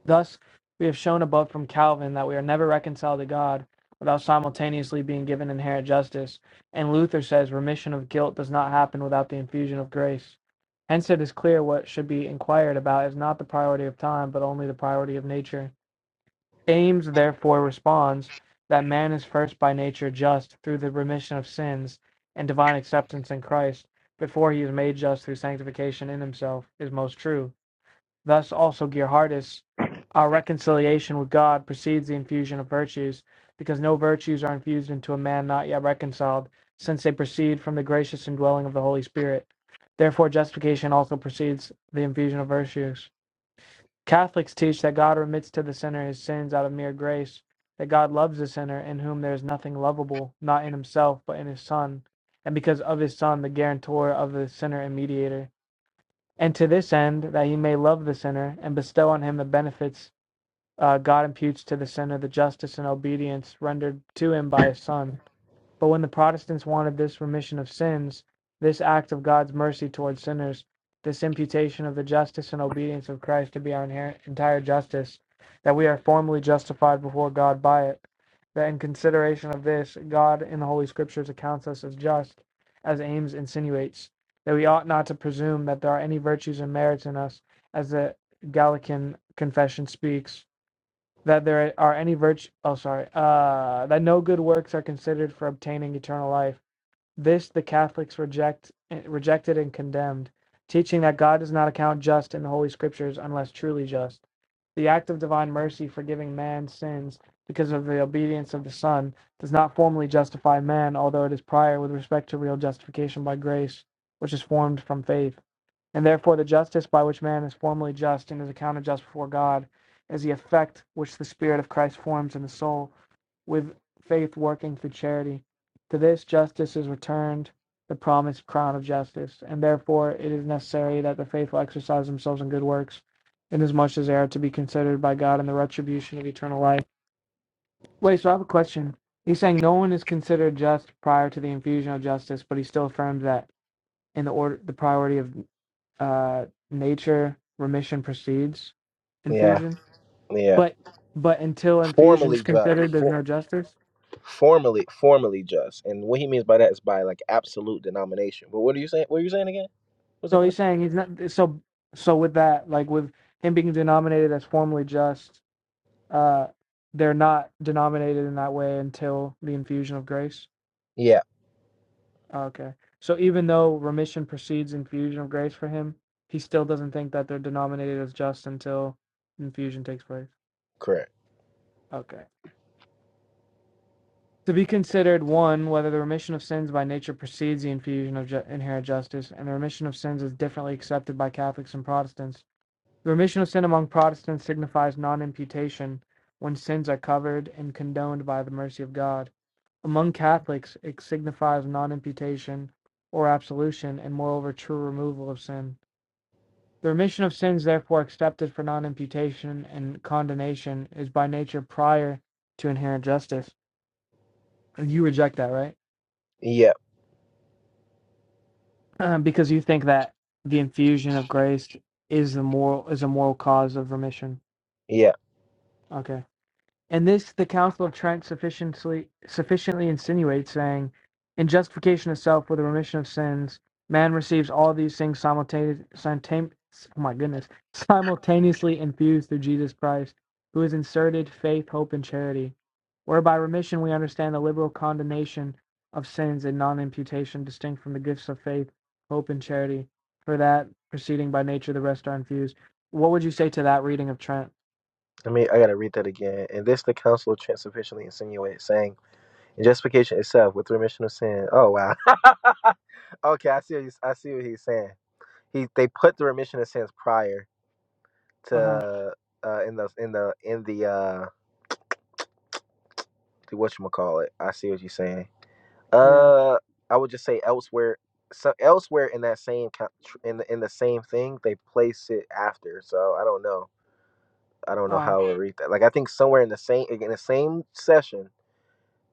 Speaker 1: Thus, we have shown above from Calvin that we are never reconciled to God without simultaneously being given inherent justice, and Luther says remission of guilt does not happen without the infusion of grace. Hence it is clear what should be inquired about is not the priority of time, but only the priority of nature. James therefore responds that man is first by nature just through the remission of sins and divine acceptance in Christ before he is made just through sanctification in himself is most true. Thus also Gerhardus, our reconciliation with God precedes the infusion of virtues, because no virtues are infused into a man not yet reconciled, since they proceed from the gracious indwelling of the Holy Spirit. Therefore justification also precedes the infusion of virtues. Catholics teach that God remits to the sinner his sins out of mere grace, that God loves the sinner in whom there is nothing lovable, not in himself, but in his Son, and because of his Son, the guarantor of the sinner and mediator. And to this end, that he may love the sinner and bestow on him the benefits uh, God imputes to the sinner, the justice and obedience rendered to him by his Son. But when the Protestants wanted this remission of sins, this act of God's mercy towards sinners, this imputation of the justice and obedience of Christ to be our entire justice, that we are formally justified before God by it, that in consideration of this, God in the Holy Scriptures accounts us as just, as Ames insinuates, that we ought not to presume that there are any virtues and merits in us, as the Gallican confession speaks that there are any virtue oh sorry uh that no good works are considered for obtaining eternal life this the catholics reject rejected and condemned teaching that god does not account just in the holy scriptures unless truly just the act of divine mercy forgiving man's sins because of the obedience of the son does not formally justify man although it is prior with respect to real justification by grace which is formed from faith and therefore, the justice by which man is formally just and is accounted just before God is the effect which the Spirit of Christ forms in the soul with faith working through charity. To this justice is returned the promised crown of justice, and therefore it is necessary that the faithful exercise themselves in good works, inasmuch as they are to be considered by God in the retribution of eternal life. Wait, so I have a question. He's saying no one is considered just prior to the infusion of justice, but he still affirms that in the order, the priority of uh nature remission precedes
Speaker 3: Yeah.
Speaker 1: infusion
Speaker 3: Yeah,
Speaker 1: but but until
Speaker 3: formally
Speaker 1: infusion's
Speaker 3: just,
Speaker 1: considered there's
Speaker 3: for,
Speaker 1: no justice
Speaker 3: formally, formally just, and what he means by that is by like absolute denomination. But what are you saying? What are you saying again? What's the
Speaker 1: so he's
Speaker 3: question?
Speaker 1: saying he's not so so with that like with him being denominated as formally just uh they're not denominated in that way until the infusion of grace
Speaker 3: Yeah,
Speaker 1: okay so even though remission precedes infusion of grace for him he still doesn't think that they're denominated as just until infusion takes place
Speaker 3: correct.
Speaker 1: okay to be considered one whether the remission of sins by nature precedes the infusion of ju- inherent justice, and the remission of sins is differently accepted by Catholics and Protestants. The remission of sin among Protestants signifies non-imputation when sins are covered and condoned by the mercy of God. Among Catholics, it signifies non-imputation or absolution, and moreover, true removal of sin. The remission of sins, therefore, accepted for non imputation and condemnation is by nature prior to inherent justice. And you reject that, right?
Speaker 3: Yeah,
Speaker 1: um, because you think that the infusion of grace is the moral is a moral cause of remission.
Speaker 3: yeah.
Speaker 1: Okay. And this the Council of Trent sufficiently sufficiently insinuates, saying, In justification of self with the remission of sins, man receives all these things simultaneously oh my goodness, simultaneously infused through Jesus Christ, who is inserted faith, hope, and charity, whereby remission we understand the liberal condonation of sins and non imputation distinct from the gifts of faith, hope, and charity, for that proceeding by nature the rest are infused. What would you say to that reading of Trent?
Speaker 3: I mean, I gotta read that again. And this the Council of Trent sufficiently insinuates, saying, "In justification itself, with remission of sin." Oh wow. okay, I see. What he's, I see what he's saying. He they put the remission of sins prior
Speaker 1: Uh huh.
Speaker 3: to uh in the in the in the uh what you call it. I see what you're saying
Speaker 1: Yeah.
Speaker 3: Uh, I would just say elsewhere. So elsewhere in that same co- tr- in the, in the same thing, they place it after. So I don't know. I don't know
Speaker 1: Wow.
Speaker 3: how to read that. Like I think somewhere in the same in the same session,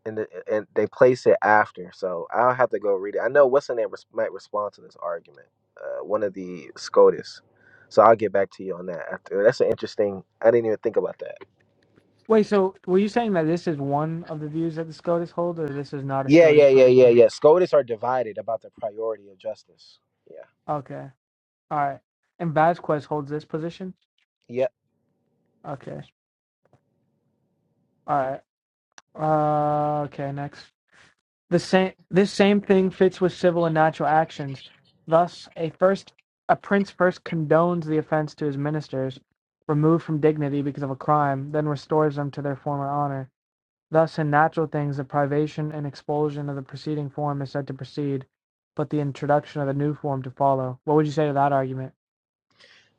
Speaker 3: and the, and they place it after. So I'll have to go read it. I know what's in there res- might respond to this argument. Uh, one of the SCOTUS. So I'll get back to you on that after. That's an interesting. I didn't even think about that.
Speaker 1: Wait. So were you saying that this is one of the views that the SCOTUS hold, or this is not a
Speaker 3: Yeah,
Speaker 1: SCOTUS
Speaker 3: yeah, yeah, yeah,
Speaker 1: position?
Speaker 3: yeah. SCOTUS are divided about the priority of justice.
Speaker 1: Okay. All right. And Vasquez holds this position.
Speaker 3: Yeah.
Speaker 1: Okay. All right. Uh, okay. Next. The same. This same thing fits with civil and natural actions. Thus, a first, a prince first condones the offense to his ministers, removed from dignity because of a crime, then restores them to their former honor. Thus in natural things the privation and expulsion of the preceding form is said to precede, but the introduction of a new form to follow. What would you say to that argument?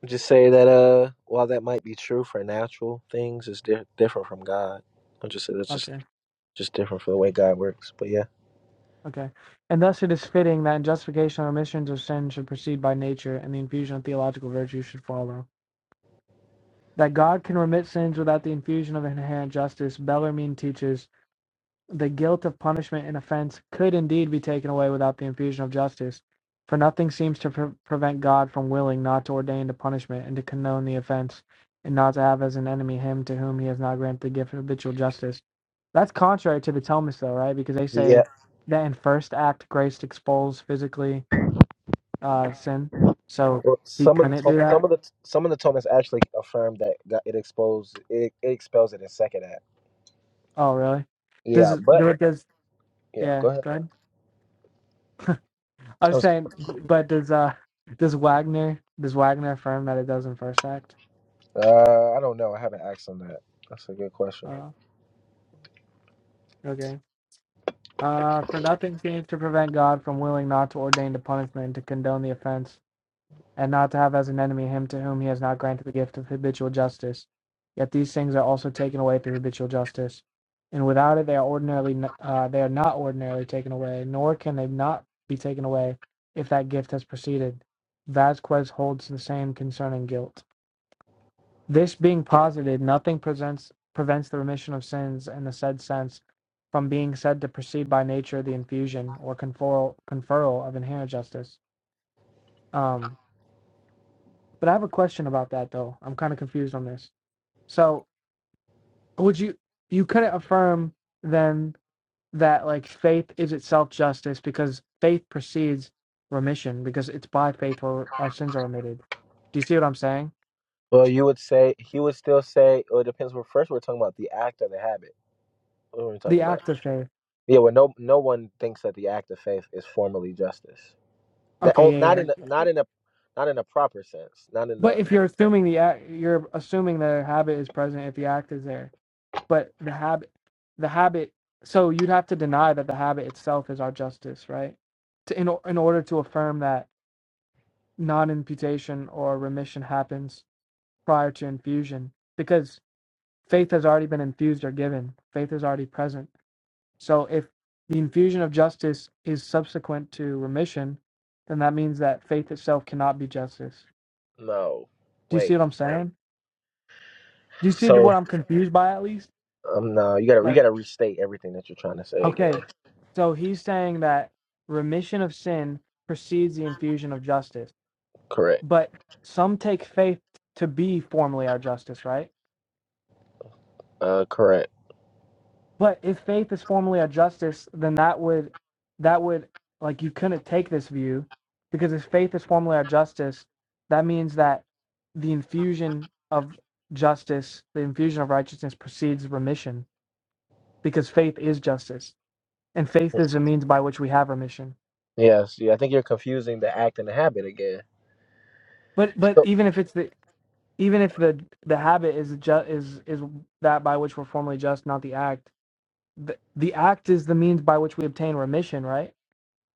Speaker 3: Just say that uh, while that might be true for natural things, it's di- different from God. I'll just say that's just
Speaker 1: Okay.
Speaker 3: just different for the way God works. But yeah,
Speaker 1: Okay. And thus it is fitting that in justification of omissions of sin should proceed by nature, and the infusion of theological virtue should follow. That God can remit sins without the infusion of inherent justice, Bellarmine teaches, the guilt of punishment and offense could indeed be taken away without the infusion of justice, for nothing seems to pre- prevent God from willing not to ordain the punishment and to condone the offense, and not to have as an enemy him to whom he has not granted the gift of habitual justice. That's contrary to the Thomists, though, right? Because they
Speaker 3: yeah.
Speaker 1: say that in first act, grace expels physically uh, sin, so
Speaker 3: Well,
Speaker 1: he
Speaker 3: some of the
Speaker 1: couldn't
Speaker 3: to-
Speaker 1: do
Speaker 3: some
Speaker 1: that.
Speaker 3: of the some of the Thomas actually affirmed that God, it exposed it, it expels it in second act.
Speaker 1: Oh, really?
Speaker 3: Yeah,
Speaker 1: Does
Speaker 3: but
Speaker 1: do it does
Speaker 3: yeah, go
Speaker 1: yeah?
Speaker 3: ahead.
Speaker 1: Go ahead. I
Speaker 3: I
Speaker 1: was
Speaker 3: was,
Speaker 1: saying, but does uh does Wagner does Wagner affirm that it does in First Act?
Speaker 3: uh, I don't know. I haven't asked on that. That's a good question.
Speaker 1: Uh, okay. Uh, for nothing seems to prevent God from willing not to ordain the punishment, to condone the offense, and not to have as an enemy him to whom he has not granted the gift of habitual justice. Yet these things are also taken away through habitual justice, and without it they are ordinarily uh, they are not ordinarily taken away, nor can they not be taken away if that gift has proceeded. Vasquez holds the same concerning guilt. This being posited, nothing presents, prevents the remission of sins in the said sense from being said to proceed by nature the infusion or conferral, conferral of inherent justice. Um, but I have a question about that though. I'm kind of confused on this. So would you you couldn't affirm then that like faith is itself justice because faith precedes remission because it's by faith where our sins are remitted. Do you see what I'm saying?
Speaker 3: Well, you would say he would still say. Well, it depends. Well, first we're talking about the act or the habit. What are we talking
Speaker 1: The
Speaker 3: about?
Speaker 1: act of faith.
Speaker 3: Yeah. Well, no, no one thinks that the act of faith is formally justice. That
Speaker 1: Okay,
Speaker 3: oh,
Speaker 1: yeah, yeah. yeah.
Speaker 3: not in a, not in a not in a proper sense. Not in
Speaker 1: But
Speaker 3: the
Speaker 1: if you're assuming the act, you're assuming the habit is present if the act is there. But the habit, the habit. So you'd have to deny that the habit itself is our justice, right? To, in o- in order to affirm that non-imputation or remission happens prior to infusion, because faith has already been infused or given. Faith is already present. So if the infusion of justice is subsequent to remission, then that means that faith itself cannot be justice.
Speaker 3: no.
Speaker 1: Do you see
Speaker 3: Wait.
Speaker 1: what I'm saying? you see
Speaker 3: So
Speaker 1: what I'm confused by at least?
Speaker 3: um no, you gotta you
Speaker 1: Like,
Speaker 3: gotta restate everything that you're trying to say again.
Speaker 1: okay, so he's saying that remission of sin precedes the infusion of justice,
Speaker 3: Correct.
Speaker 1: but some take faith to be formally our justice, right?
Speaker 3: Uh correct.
Speaker 1: But if faith is formally our justice, then that would that would like you couldn't take this view because if faith is formally our justice, that means that the infusion of justice, the infusion of righteousness precedes remission because faith is justice. and faith is a means by which we have remission.
Speaker 3: Yes. Yeah, I think you're confusing the act and the habit again.
Speaker 1: But but
Speaker 3: So
Speaker 1: even if it's the even if the the habit is ju- is is that by which we're formally just, not the act. The, the act is the means by which we obtain remission, right?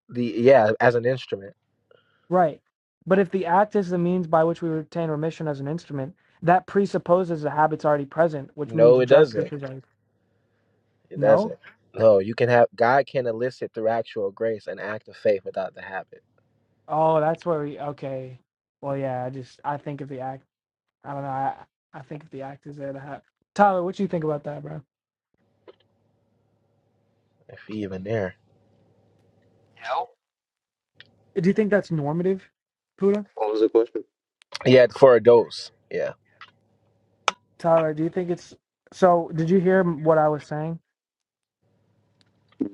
Speaker 3: the yeah, as an instrument.
Speaker 1: Right. But if the act is the means by which we obtain remission as an instrument, that presupposes the habit's already present, which
Speaker 3: No,
Speaker 1: means
Speaker 3: it
Speaker 1: justice
Speaker 3: doesn't.
Speaker 1: is already
Speaker 3: It
Speaker 1: no.
Speaker 3: doesn't. No, you can have God can elicit through actual grace an act of faith without the habit.
Speaker 1: Oh, that's where we okay. Well, yeah, I just I think if the act, I don't know, I I think if the act is there, the habit. Tyler, what do you think about that, bro?
Speaker 3: If he even there.
Speaker 4: No.
Speaker 1: Do you think that's normative, Puda?
Speaker 4: What was the question?
Speaker 3: Yeah, for adults. Yeah.
Speaker 1: Tyler, do you think it's so? Did you hear what I was saying?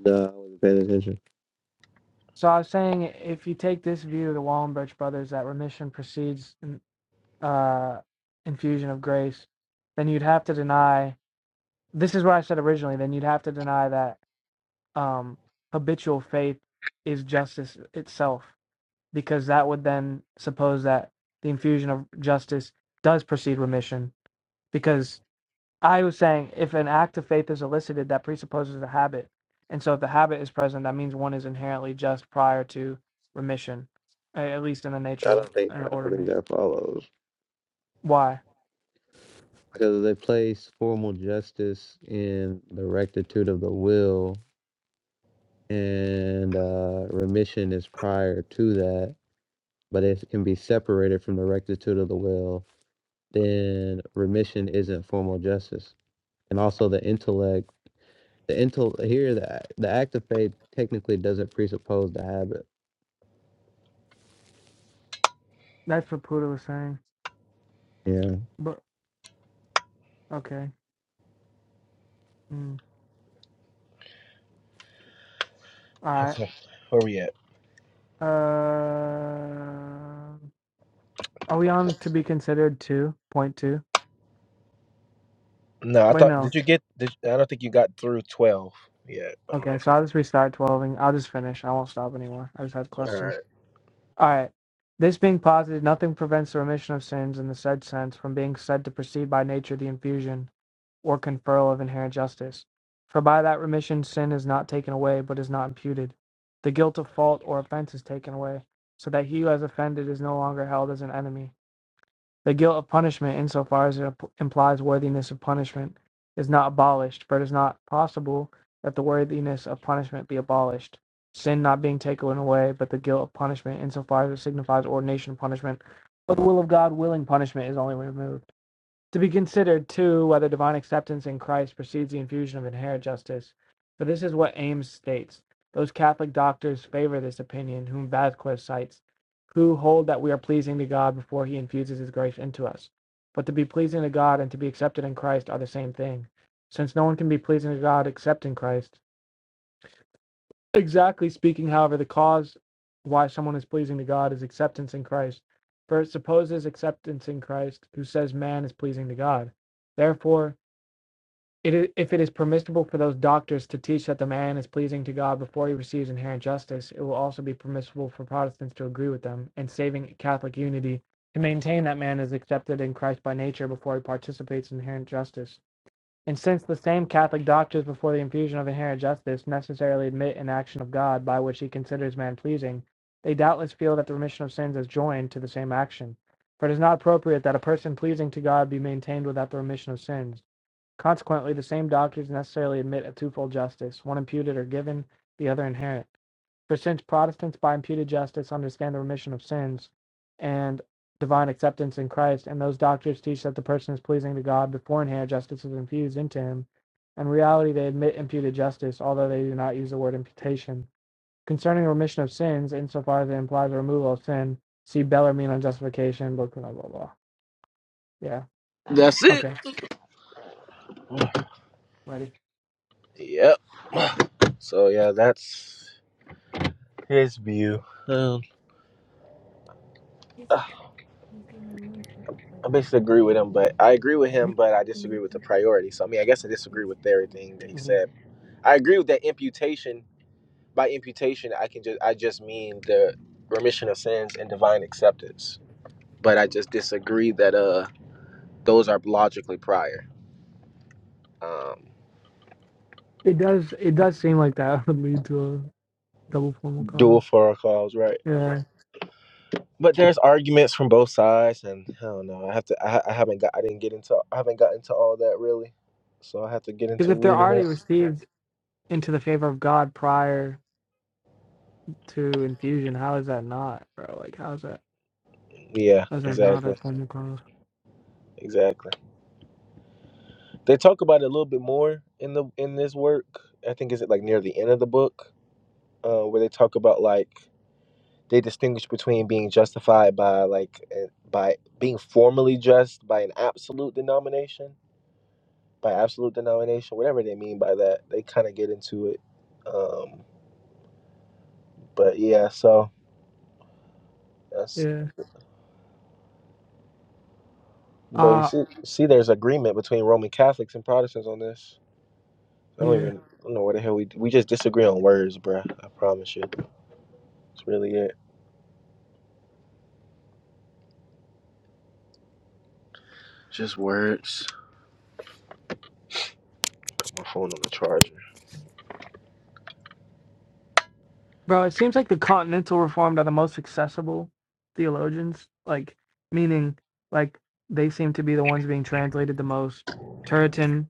Speaker 4: No, I wasn't paying attention.
Speaker 1: So I was saying if you take this view of the Wallenberg brothers that remission precedes uh, infusion of grace, then you'd have to deny. This is what I said originally. Then you'd have to deny that um, habitual faith is justice itself, because that would then suppose that the infusion of justice does precede remission, because I was saying if an act of faith is elicited, that presupposes a habit. And so if the habit is present, that means one is inherently just prior to remission, a- at least in the nature
Speaker 4: I
Speaker 1: of
Speaker 4: don't think
Speaker 1: an
Speaker 4: I
Speaker 1: order
Speaker 4: don't
Speaker 1: of
Speaker 4: think
Speaker 1: nature.
Speaker 4: that follows
Speaker 1: Why?
Speaker 4: because they place formal justice in the rectitude of the will, and uh, remission is prior to that. But if it can be separated from the rectitude of the will, then remission isn't formal justice. And also, the intellect. the intel here the the act of faith technically doesn't presuppose the habit.
Speaker 1: That's what Puda was saying.
Speaker 4: Yeah.
Speaker 1: But okay. Mm. All right.
Speaker 3: Okay. Where we at?
Speaker 1: Uh, are we on to be considered two point two?
Speaker 3: No, I
Speaker 1: Wait,
Speaker 3: thought.
Speaker 1: no.
Speaker 3: Did you get? Did, I don't think you got through twelve yet. I don't know.
Speaker 1: Okay,
Speaker 3: If
Speaker 1: so I'll
Speaker 3: you,
Speaker 1: just restart twelving. I'll just finish. I won't stop anymore. I just had
Speaker 3: all
Speaker 1: questions.
Speaker 3: right.
Speaker 1: All right. This being posited, nothing prevents the remission of sins in the said sense from being said to precede by nature the infusion or conferral of inherent justice. For by that remission, sin is not taken away, but is not imputed. The guilt of fault or offense is taken away, so that he who has offended is no longer held as an enemy. The guilt of punishment, insofar as it implies worthiness of punishment, is not abolished, for it is not possible that the worthiness of punishment be abolished. Sin not being taken away, but the guilt of punishment, insofar as it signifies ordination of punishment, but the will of God willing punishment is only removed. To be considered, too, whether divine acceptance in Christ precedes the infusion of inherent justice. For this is what Ames states. Those Catholic doctors favor this opinion, whom Vasquez cites, who hold that we are pleasing to God before he infuses his grace into us. But to be pleasing to God and to be accepted in Christ are the same thing, since no one can be pleasing to God except in Christ. Exactly speaking, however, the cause why someone is pleasing to God is acceptance in Christ. For it supposes acceptance in Christ, who says man is pleasing to God. Therefore, it is, if it is permissible for those doctors to teach that the man is pleasing to God before he receives inherent justice, it will also be permissible for Protestants to agree with them, and saving Catholic unity, to maintain that man is accepted in Christ by nature before he participates in inherent justice. And since the same Catholic doctors before the infusion of inherent justice necessarily admit an action of God by which he considers man pleasing, they doubtless feel that the remission of sins is joined to the same action. For it is not appropriate that a person pleasing to God be maintained without the remission of sins. Consequently, the same doctors necessarily admit a twofold justice, one imputed or given, the other inherent. For since Protestants by imputed justice understand the remission of sins and divine acceptance in Christ, and those doctors teach that the person is pleasing to God beforehand, justice is infused into him. In reality, they admit imputed justice, although they do not use the word imputation. Concerning remission of sins, insofar as it implies the removal of sin, see Bellarmine on justification, blah, blah, blah, blah. Yeah.
Speaker 3: That's it.
Speaker 1: Okay. Ready.
Speaker 3: Yep. So yeah, that's his view. Um, I basically agree with him, but I agree with him, but I disagree with the priority. So I mean, I guess I disagree with everything that he
Speaker 1: Mhm.
Speaker 3: said. I agree with that imputation. By imputation, I can just I just mean the remission of sins and divine acceptance. But I just disagree that uh those are logically prior. Um,
Speaker 1: It does. It does seem like that would lead to a double formal cause.
Speaker 3: dual for our cause, right?
Speaker 1: Yeah.
Speaker 3: but there's arguments from both sides, and I don't know. I have to. I, I haven't got. I didn't get into. I haven't gotten to all that really, so I have to get
Speaker 1: Because
Speaker 3: into
Speaker 1: if they're
Speaker 3: reading
Speaker 1: already
Speaker 3: it.
Speaker 1: received, into the favor of God prior to infusion. How is that not, bro? Like, how's that?
Speaker 3: Yeah,
Speaker 1: How's that not a
Speaker 3: exactly,
Speaker 1: form of cause?
Speaker 3: exactly. They talk about it a little bit more in the in this work. I think is it like near the end of the book, uh, where they talk about like they distinguish between being justified by like eh, by being formally just by an absolute denomination, by absolute denomination, whatever they mean by that. They kind of get into it, um, but yeah, so. That's
Speaker 1: Yeah.
Speaker 3: but you
Speaker 1: Uh,
Speaker 3: see, see, there's agreement between Roman Catholics and Protestants on this. I don't
Speaker 1: yeah.
Speaker 3: even I don't know what the hell we we just disagree on words, bruh. I promise you, it's really it. Just words. My phone on the charger.
Speaker 1: Bro, it seems like the continental reformed are the most accessible theologians. Like, meaning, like, they seem to be the ones being translated the most. Turretin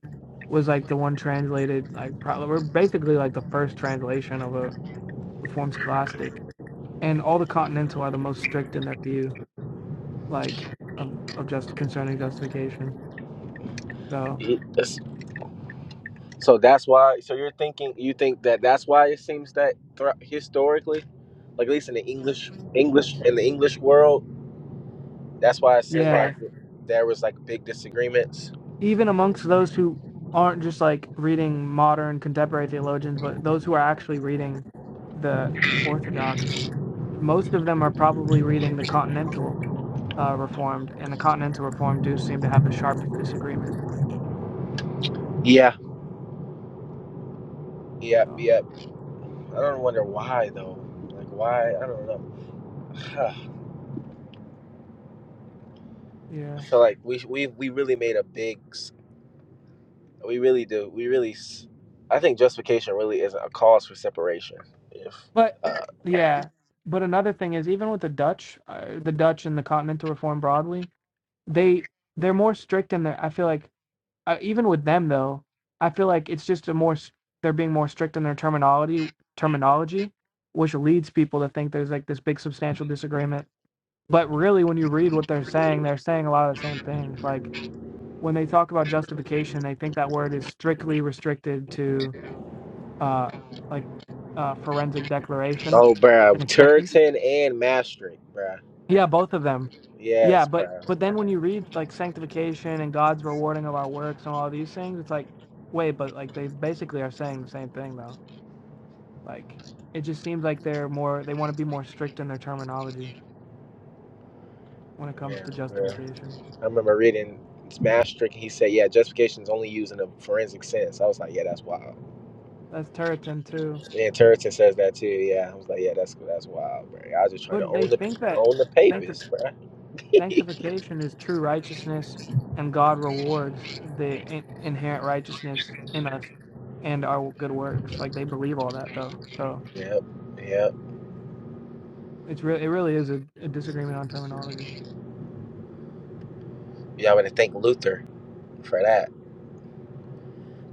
Speaker 1: was like the one translated, like, probably, we're basically like the first translation of a reformed scholastic. And all the continental are the most strict in their view, like, of, of just concerning justification. So
Speaker 3: He- that's- so that's why. So you're thinking you think that that's why it seems that thro historically, like at least in the English English in the English world, that's why it
Speaker 1: That's right.
Speaker 3: seemed like
Speaker 1: yeah,
Speaker 3: there was like big disagreements.
Speaker 1: even amongst those who aren't just like reading modern contemporary theologians, but those who are actually reading the Orthodox, most of them are probably reading the Continental uh, Reformed, and the Continental Reformed do seem to have the sharpest disagreement.
Speaker 3: Yeah. Yep.
Speaker 1: So
Speaker 3: Yep. I don't wonder why though. Like why? I don't know. I
Speaker 1: yeah,
Speaker 3: feel like we we we really made a big. s- We really do. We really. s- I think justification really is a cause for separation. If
Speaker 1: but
Speaker 3: uh,
Speaker 1: Yeah. yeah, but another thing is even with the Dutch, uh, the Dutch and the Continental Reformed broadly, they they're more strict in their. I feel like uh, even with them though, I feel like it's just a more they're being more strict in their terminology terminology, which leads people to think there's like this big substantial disagreement. But really, when you read what they're saying, they're saying a lot of the same things. Like when they talk about justification, they think that word is strictly restricted to uh like uh forensic declaration
Speaker 3: oh,
Speaker 1: and
Speaker 3: bruh,
Speaker 1: acceptance
Speaker 3: Turton and Maastricht, bruh.
Speaker 1: Yeah, both of them. Yeah,
Speaker 3: Yes,
Speaker 1: but
Speaker 3: bruh.
Speaker 1: but then when you read like sanctification and God's rewarding of our works and all these things, it's like, wait, but like they basically are saying the same thing though. Like it just seems like they're more they want to be more strict in their terminology when it comes
Speaker 3: Yeah,
Speaker 1: to
Speaker 3: bruh.
Speaker 1: justification.
Speaker 3: I remember reading Maastricht, and he said, "Yeah, justification is only used in a forensic sense." I was like, "Yeah, that's wild."
Speaker 1: That's Turretin too.
Speaker 3: And Turton says that too. Yeah, I was like, "Yeah, that's that's wild, bruh." I was just trying to
Speaker 1: But
Speaker 3: own
Speaker 1: they
Speaker 3: the
Speaker 1: think that
Speaker 3: own the
Speaker 1: sancti-
Speaker 3: papers, bruh.
Speaker 1: sanctification is true righteousness and God rewards the in- inherent righteousness in us and our good works. Like they believe all that though. So
Speaker 3: Yep, yep.
Speaker 1: It's really it really is a, a disagreement on terminology.
Speaker 3: Y'all better thank Luther for that.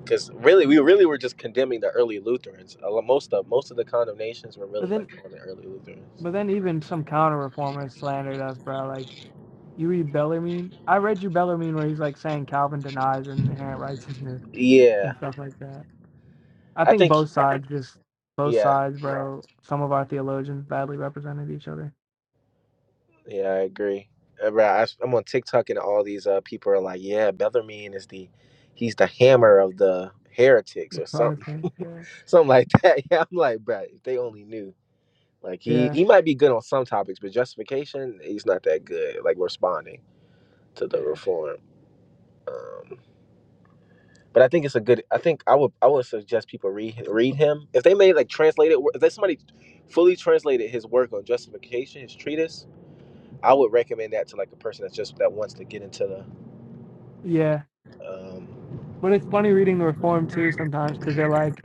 Speaker 3: because really
Speaker 1: Yeah.
Speaker 3: we really were just condemning the early lutherans A lo- most of most of the condemnations were
Speaker 1: But
Speaker 3: really
Speaker 1: then
Speaker 3: like on the early lutherans
Speaker 1: but then even some counter reformers slandered us, bro. Like you read Bellarmine. I read you Bellarmine where he's like saying Calvin denies and inherent rights is new
Speaker 3: yeah
Speaker 1: and stuff like that. I
Speaker 3: i
Speaker 1: think
Speaker 3: think
Speaker 1: both sides just both
Speaker 3: yeah
Speaker 1: sides, bro. Some of our theologians badly represented each other.
Speaker 3: yeah i agree Uh, bro, I, am on tiktok and all these uh people are like yeah bellarmine is the he's the hammer of the heretics
Speaker 1: It's
Speaker 3: or something
Speaker 1: Protestants. Yeah.
Speaker 3: something like that yeah i'm like bro if they only knew like he
Speaker 1: Yeah.
Speaker 3: he might be good on some topics but justification he's not that good like responding to the
Speaker 1: Yeah.
Speaker 3: reform Um, But I think it's a good. I think I would I would suggest people read read him if they made like translate wo- If there's somebody fully translated his work on justification, his treatise, I would recommend that to like a person that's just that wants to get into
Speaker 1: Yeah.
Speaker 3: the. Um,
Speaker 1: But it's funny reading the Reform too sometimes because they're like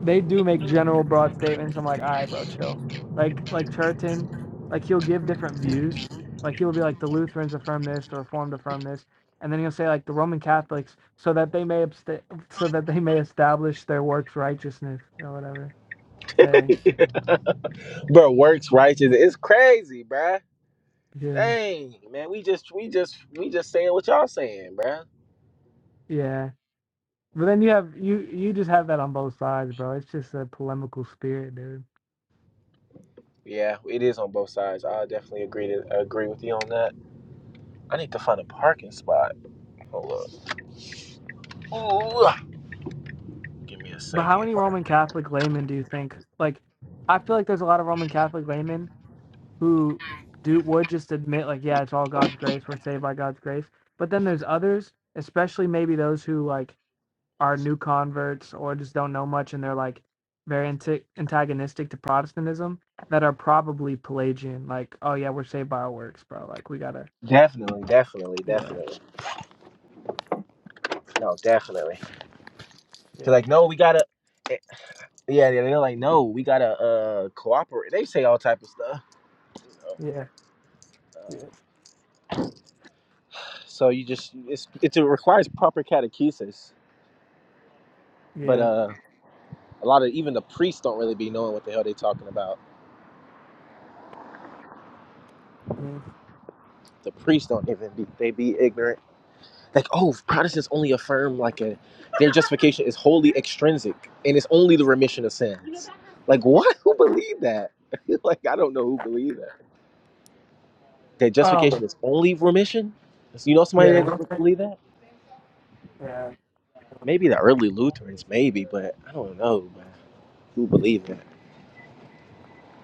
Speaker 1: they do make general broad statements. I'm like, all right, bro, chill. Like like Turton, like he'll give different views. Like he'll be like the Lutherans affirm this, the Reformed affirm this, and then he'll say like the Roman Catholics, so that they may absta- so that they may establish their works righteousness or whatever. Saying,
Speaker 3: bro, works righteous. It's crazy, bruh.
Speaker 1: yeah,
Speaker 3: Dang, man, we just we just we just saying what y'all saying, bruh.
Speaker 1: yeah. But then you have you you just have that on both sides, bro. It's just a polemical spirit, dude.
Speaker 3: Yeah, it is on both sides. I definitely agree to agree with you on that. I need to find a parking spot. Hold up. Ooh, give me a
Speaker 1: But how
Speaker 3: second.
Speaker 1: many Roman Catholic laymen do you think? Like, I feel like there's a lot of Roman Catholic laymen who do would just admit like, yeah, it's all God's grace. We're saved by God's grace. But then there's others, especially maybe those who like are new converts or just don't know much and they're like very anti- antagonistic to Protestantism that are probably Pelagian. Like, oh yeah, we're saved by our works, bro. Like we gotta,
Speaker 3: Definitely, definitely,
Speaker 1: yeah,
Speaker 3: definitely. No, definitely. They're
Speaker 1: yeah,
Speaker 3: like, no, we gotta. eh, Yeah, yeah, they're like, no, we gotta uh cooperate. They say all type of stuff. You know.
Speaker 1: yeah, yeah,
Speaker 3: uh, so you just it's, it's it requires proper catechesis, but
Speaker 1: yeah.
Speaker 3: uh, a lot of even the priests don't really be knowing what the hell they talking about.
Speaker 1: mhm.
Speaker 3: The priests don't even be they be ignorant. Like, oh, Protestants only affirm like a their justification is wholly extrinsic and it's only the remission of sins. Like, what? Who believe that? like, I don't know who believe that. That
Speaker 1: Um,
Speaker 3: justification is only remission. You know somebody that
Speaker 1: yeah,
Speaker 3: didn't believe that?
Speaker 1: yeah.
Speaker 3: Maybe the early Lutherans, maybe, but I don't know, man. Who believed that?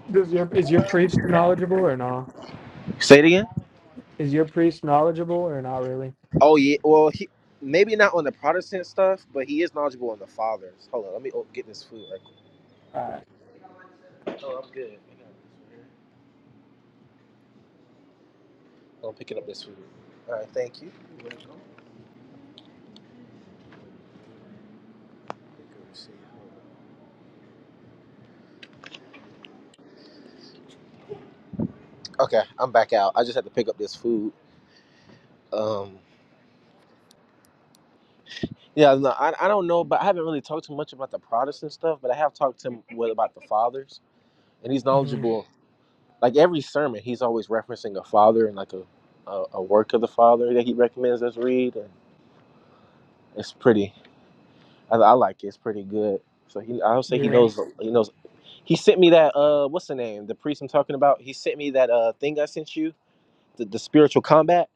Speaker 1: Does your is your priest knowledgeable or no?
Speaker 3: Say it again.
Speaker 1: Is your priest knowledgeable or not really?
Speaker 3: Oh yeah. Well, he maybe not on the Protestant stuff, but he is knowledgeable on the fathers. Hold on, let me oh, get this food right quick.
Speaker 1: All right.
Speaker 3: Oh, I'm good. I'm picking up this food. All right, thank you. Okay, I'm back out. I just had to pick up this food. Um, yeah, no, I, I don't know, but I haven't really talked too much about the Protestant stuff, but I have talked to him what about the fathers. and he's
Speaker 1: Mhm.
Speaker 3: knowledgeable. Like every sermon, he's always referencing a father and like a a, a work of the father that he recommends us read, and it's pretty. I, I like it. It's pretty good. So he, I would say he
Speaker 1: Yeah.
Speaker 3: knows. He knows. He sent me that. Uh, what's the name? The priest I'm talking about. He sent me that. Uh, thing I sent you. The, the spiritual combat.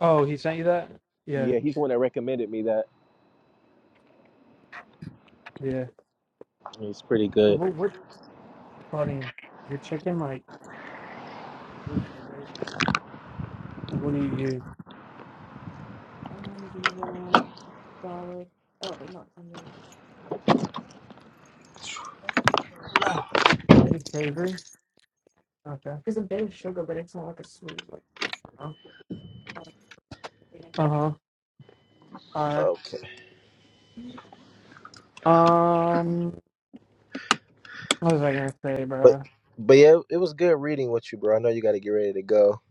Speaker 1: Oh, he sent you that? Yeah,
Speaker 3: Yeah, he's the one that recommended me that.
Speaker 1: yeah.
Speaker 3: He's pretty
Speaker 1: What,
Speaker 3: good.
Speaker 1: what, what protein? Your chicken, like, like what do you use? I ginger, garlic. Oh, wait, not onion. Is it savory? Okay. There's a a bit of sugar, but it's not like a sweet. like. Uh huh. All right.
Speaker 3: Okay.
Speaker 1: Um, what was I gonna say,
Speaker 3: But
Speaker 1: bro?
Speaker 3: but yeah, it was good reading with you, bro. I know you got to get ready to go.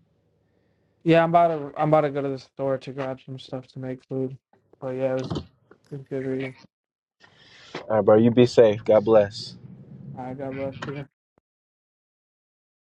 Speaker 1: Yeah, I'm about to I'm about to go to the store to grab some stuff to make food. But yeah, it was, it was good reading.
Speaker 3: All right, bro. You be safe. God bless.
Speaker 1: All right, God bless you.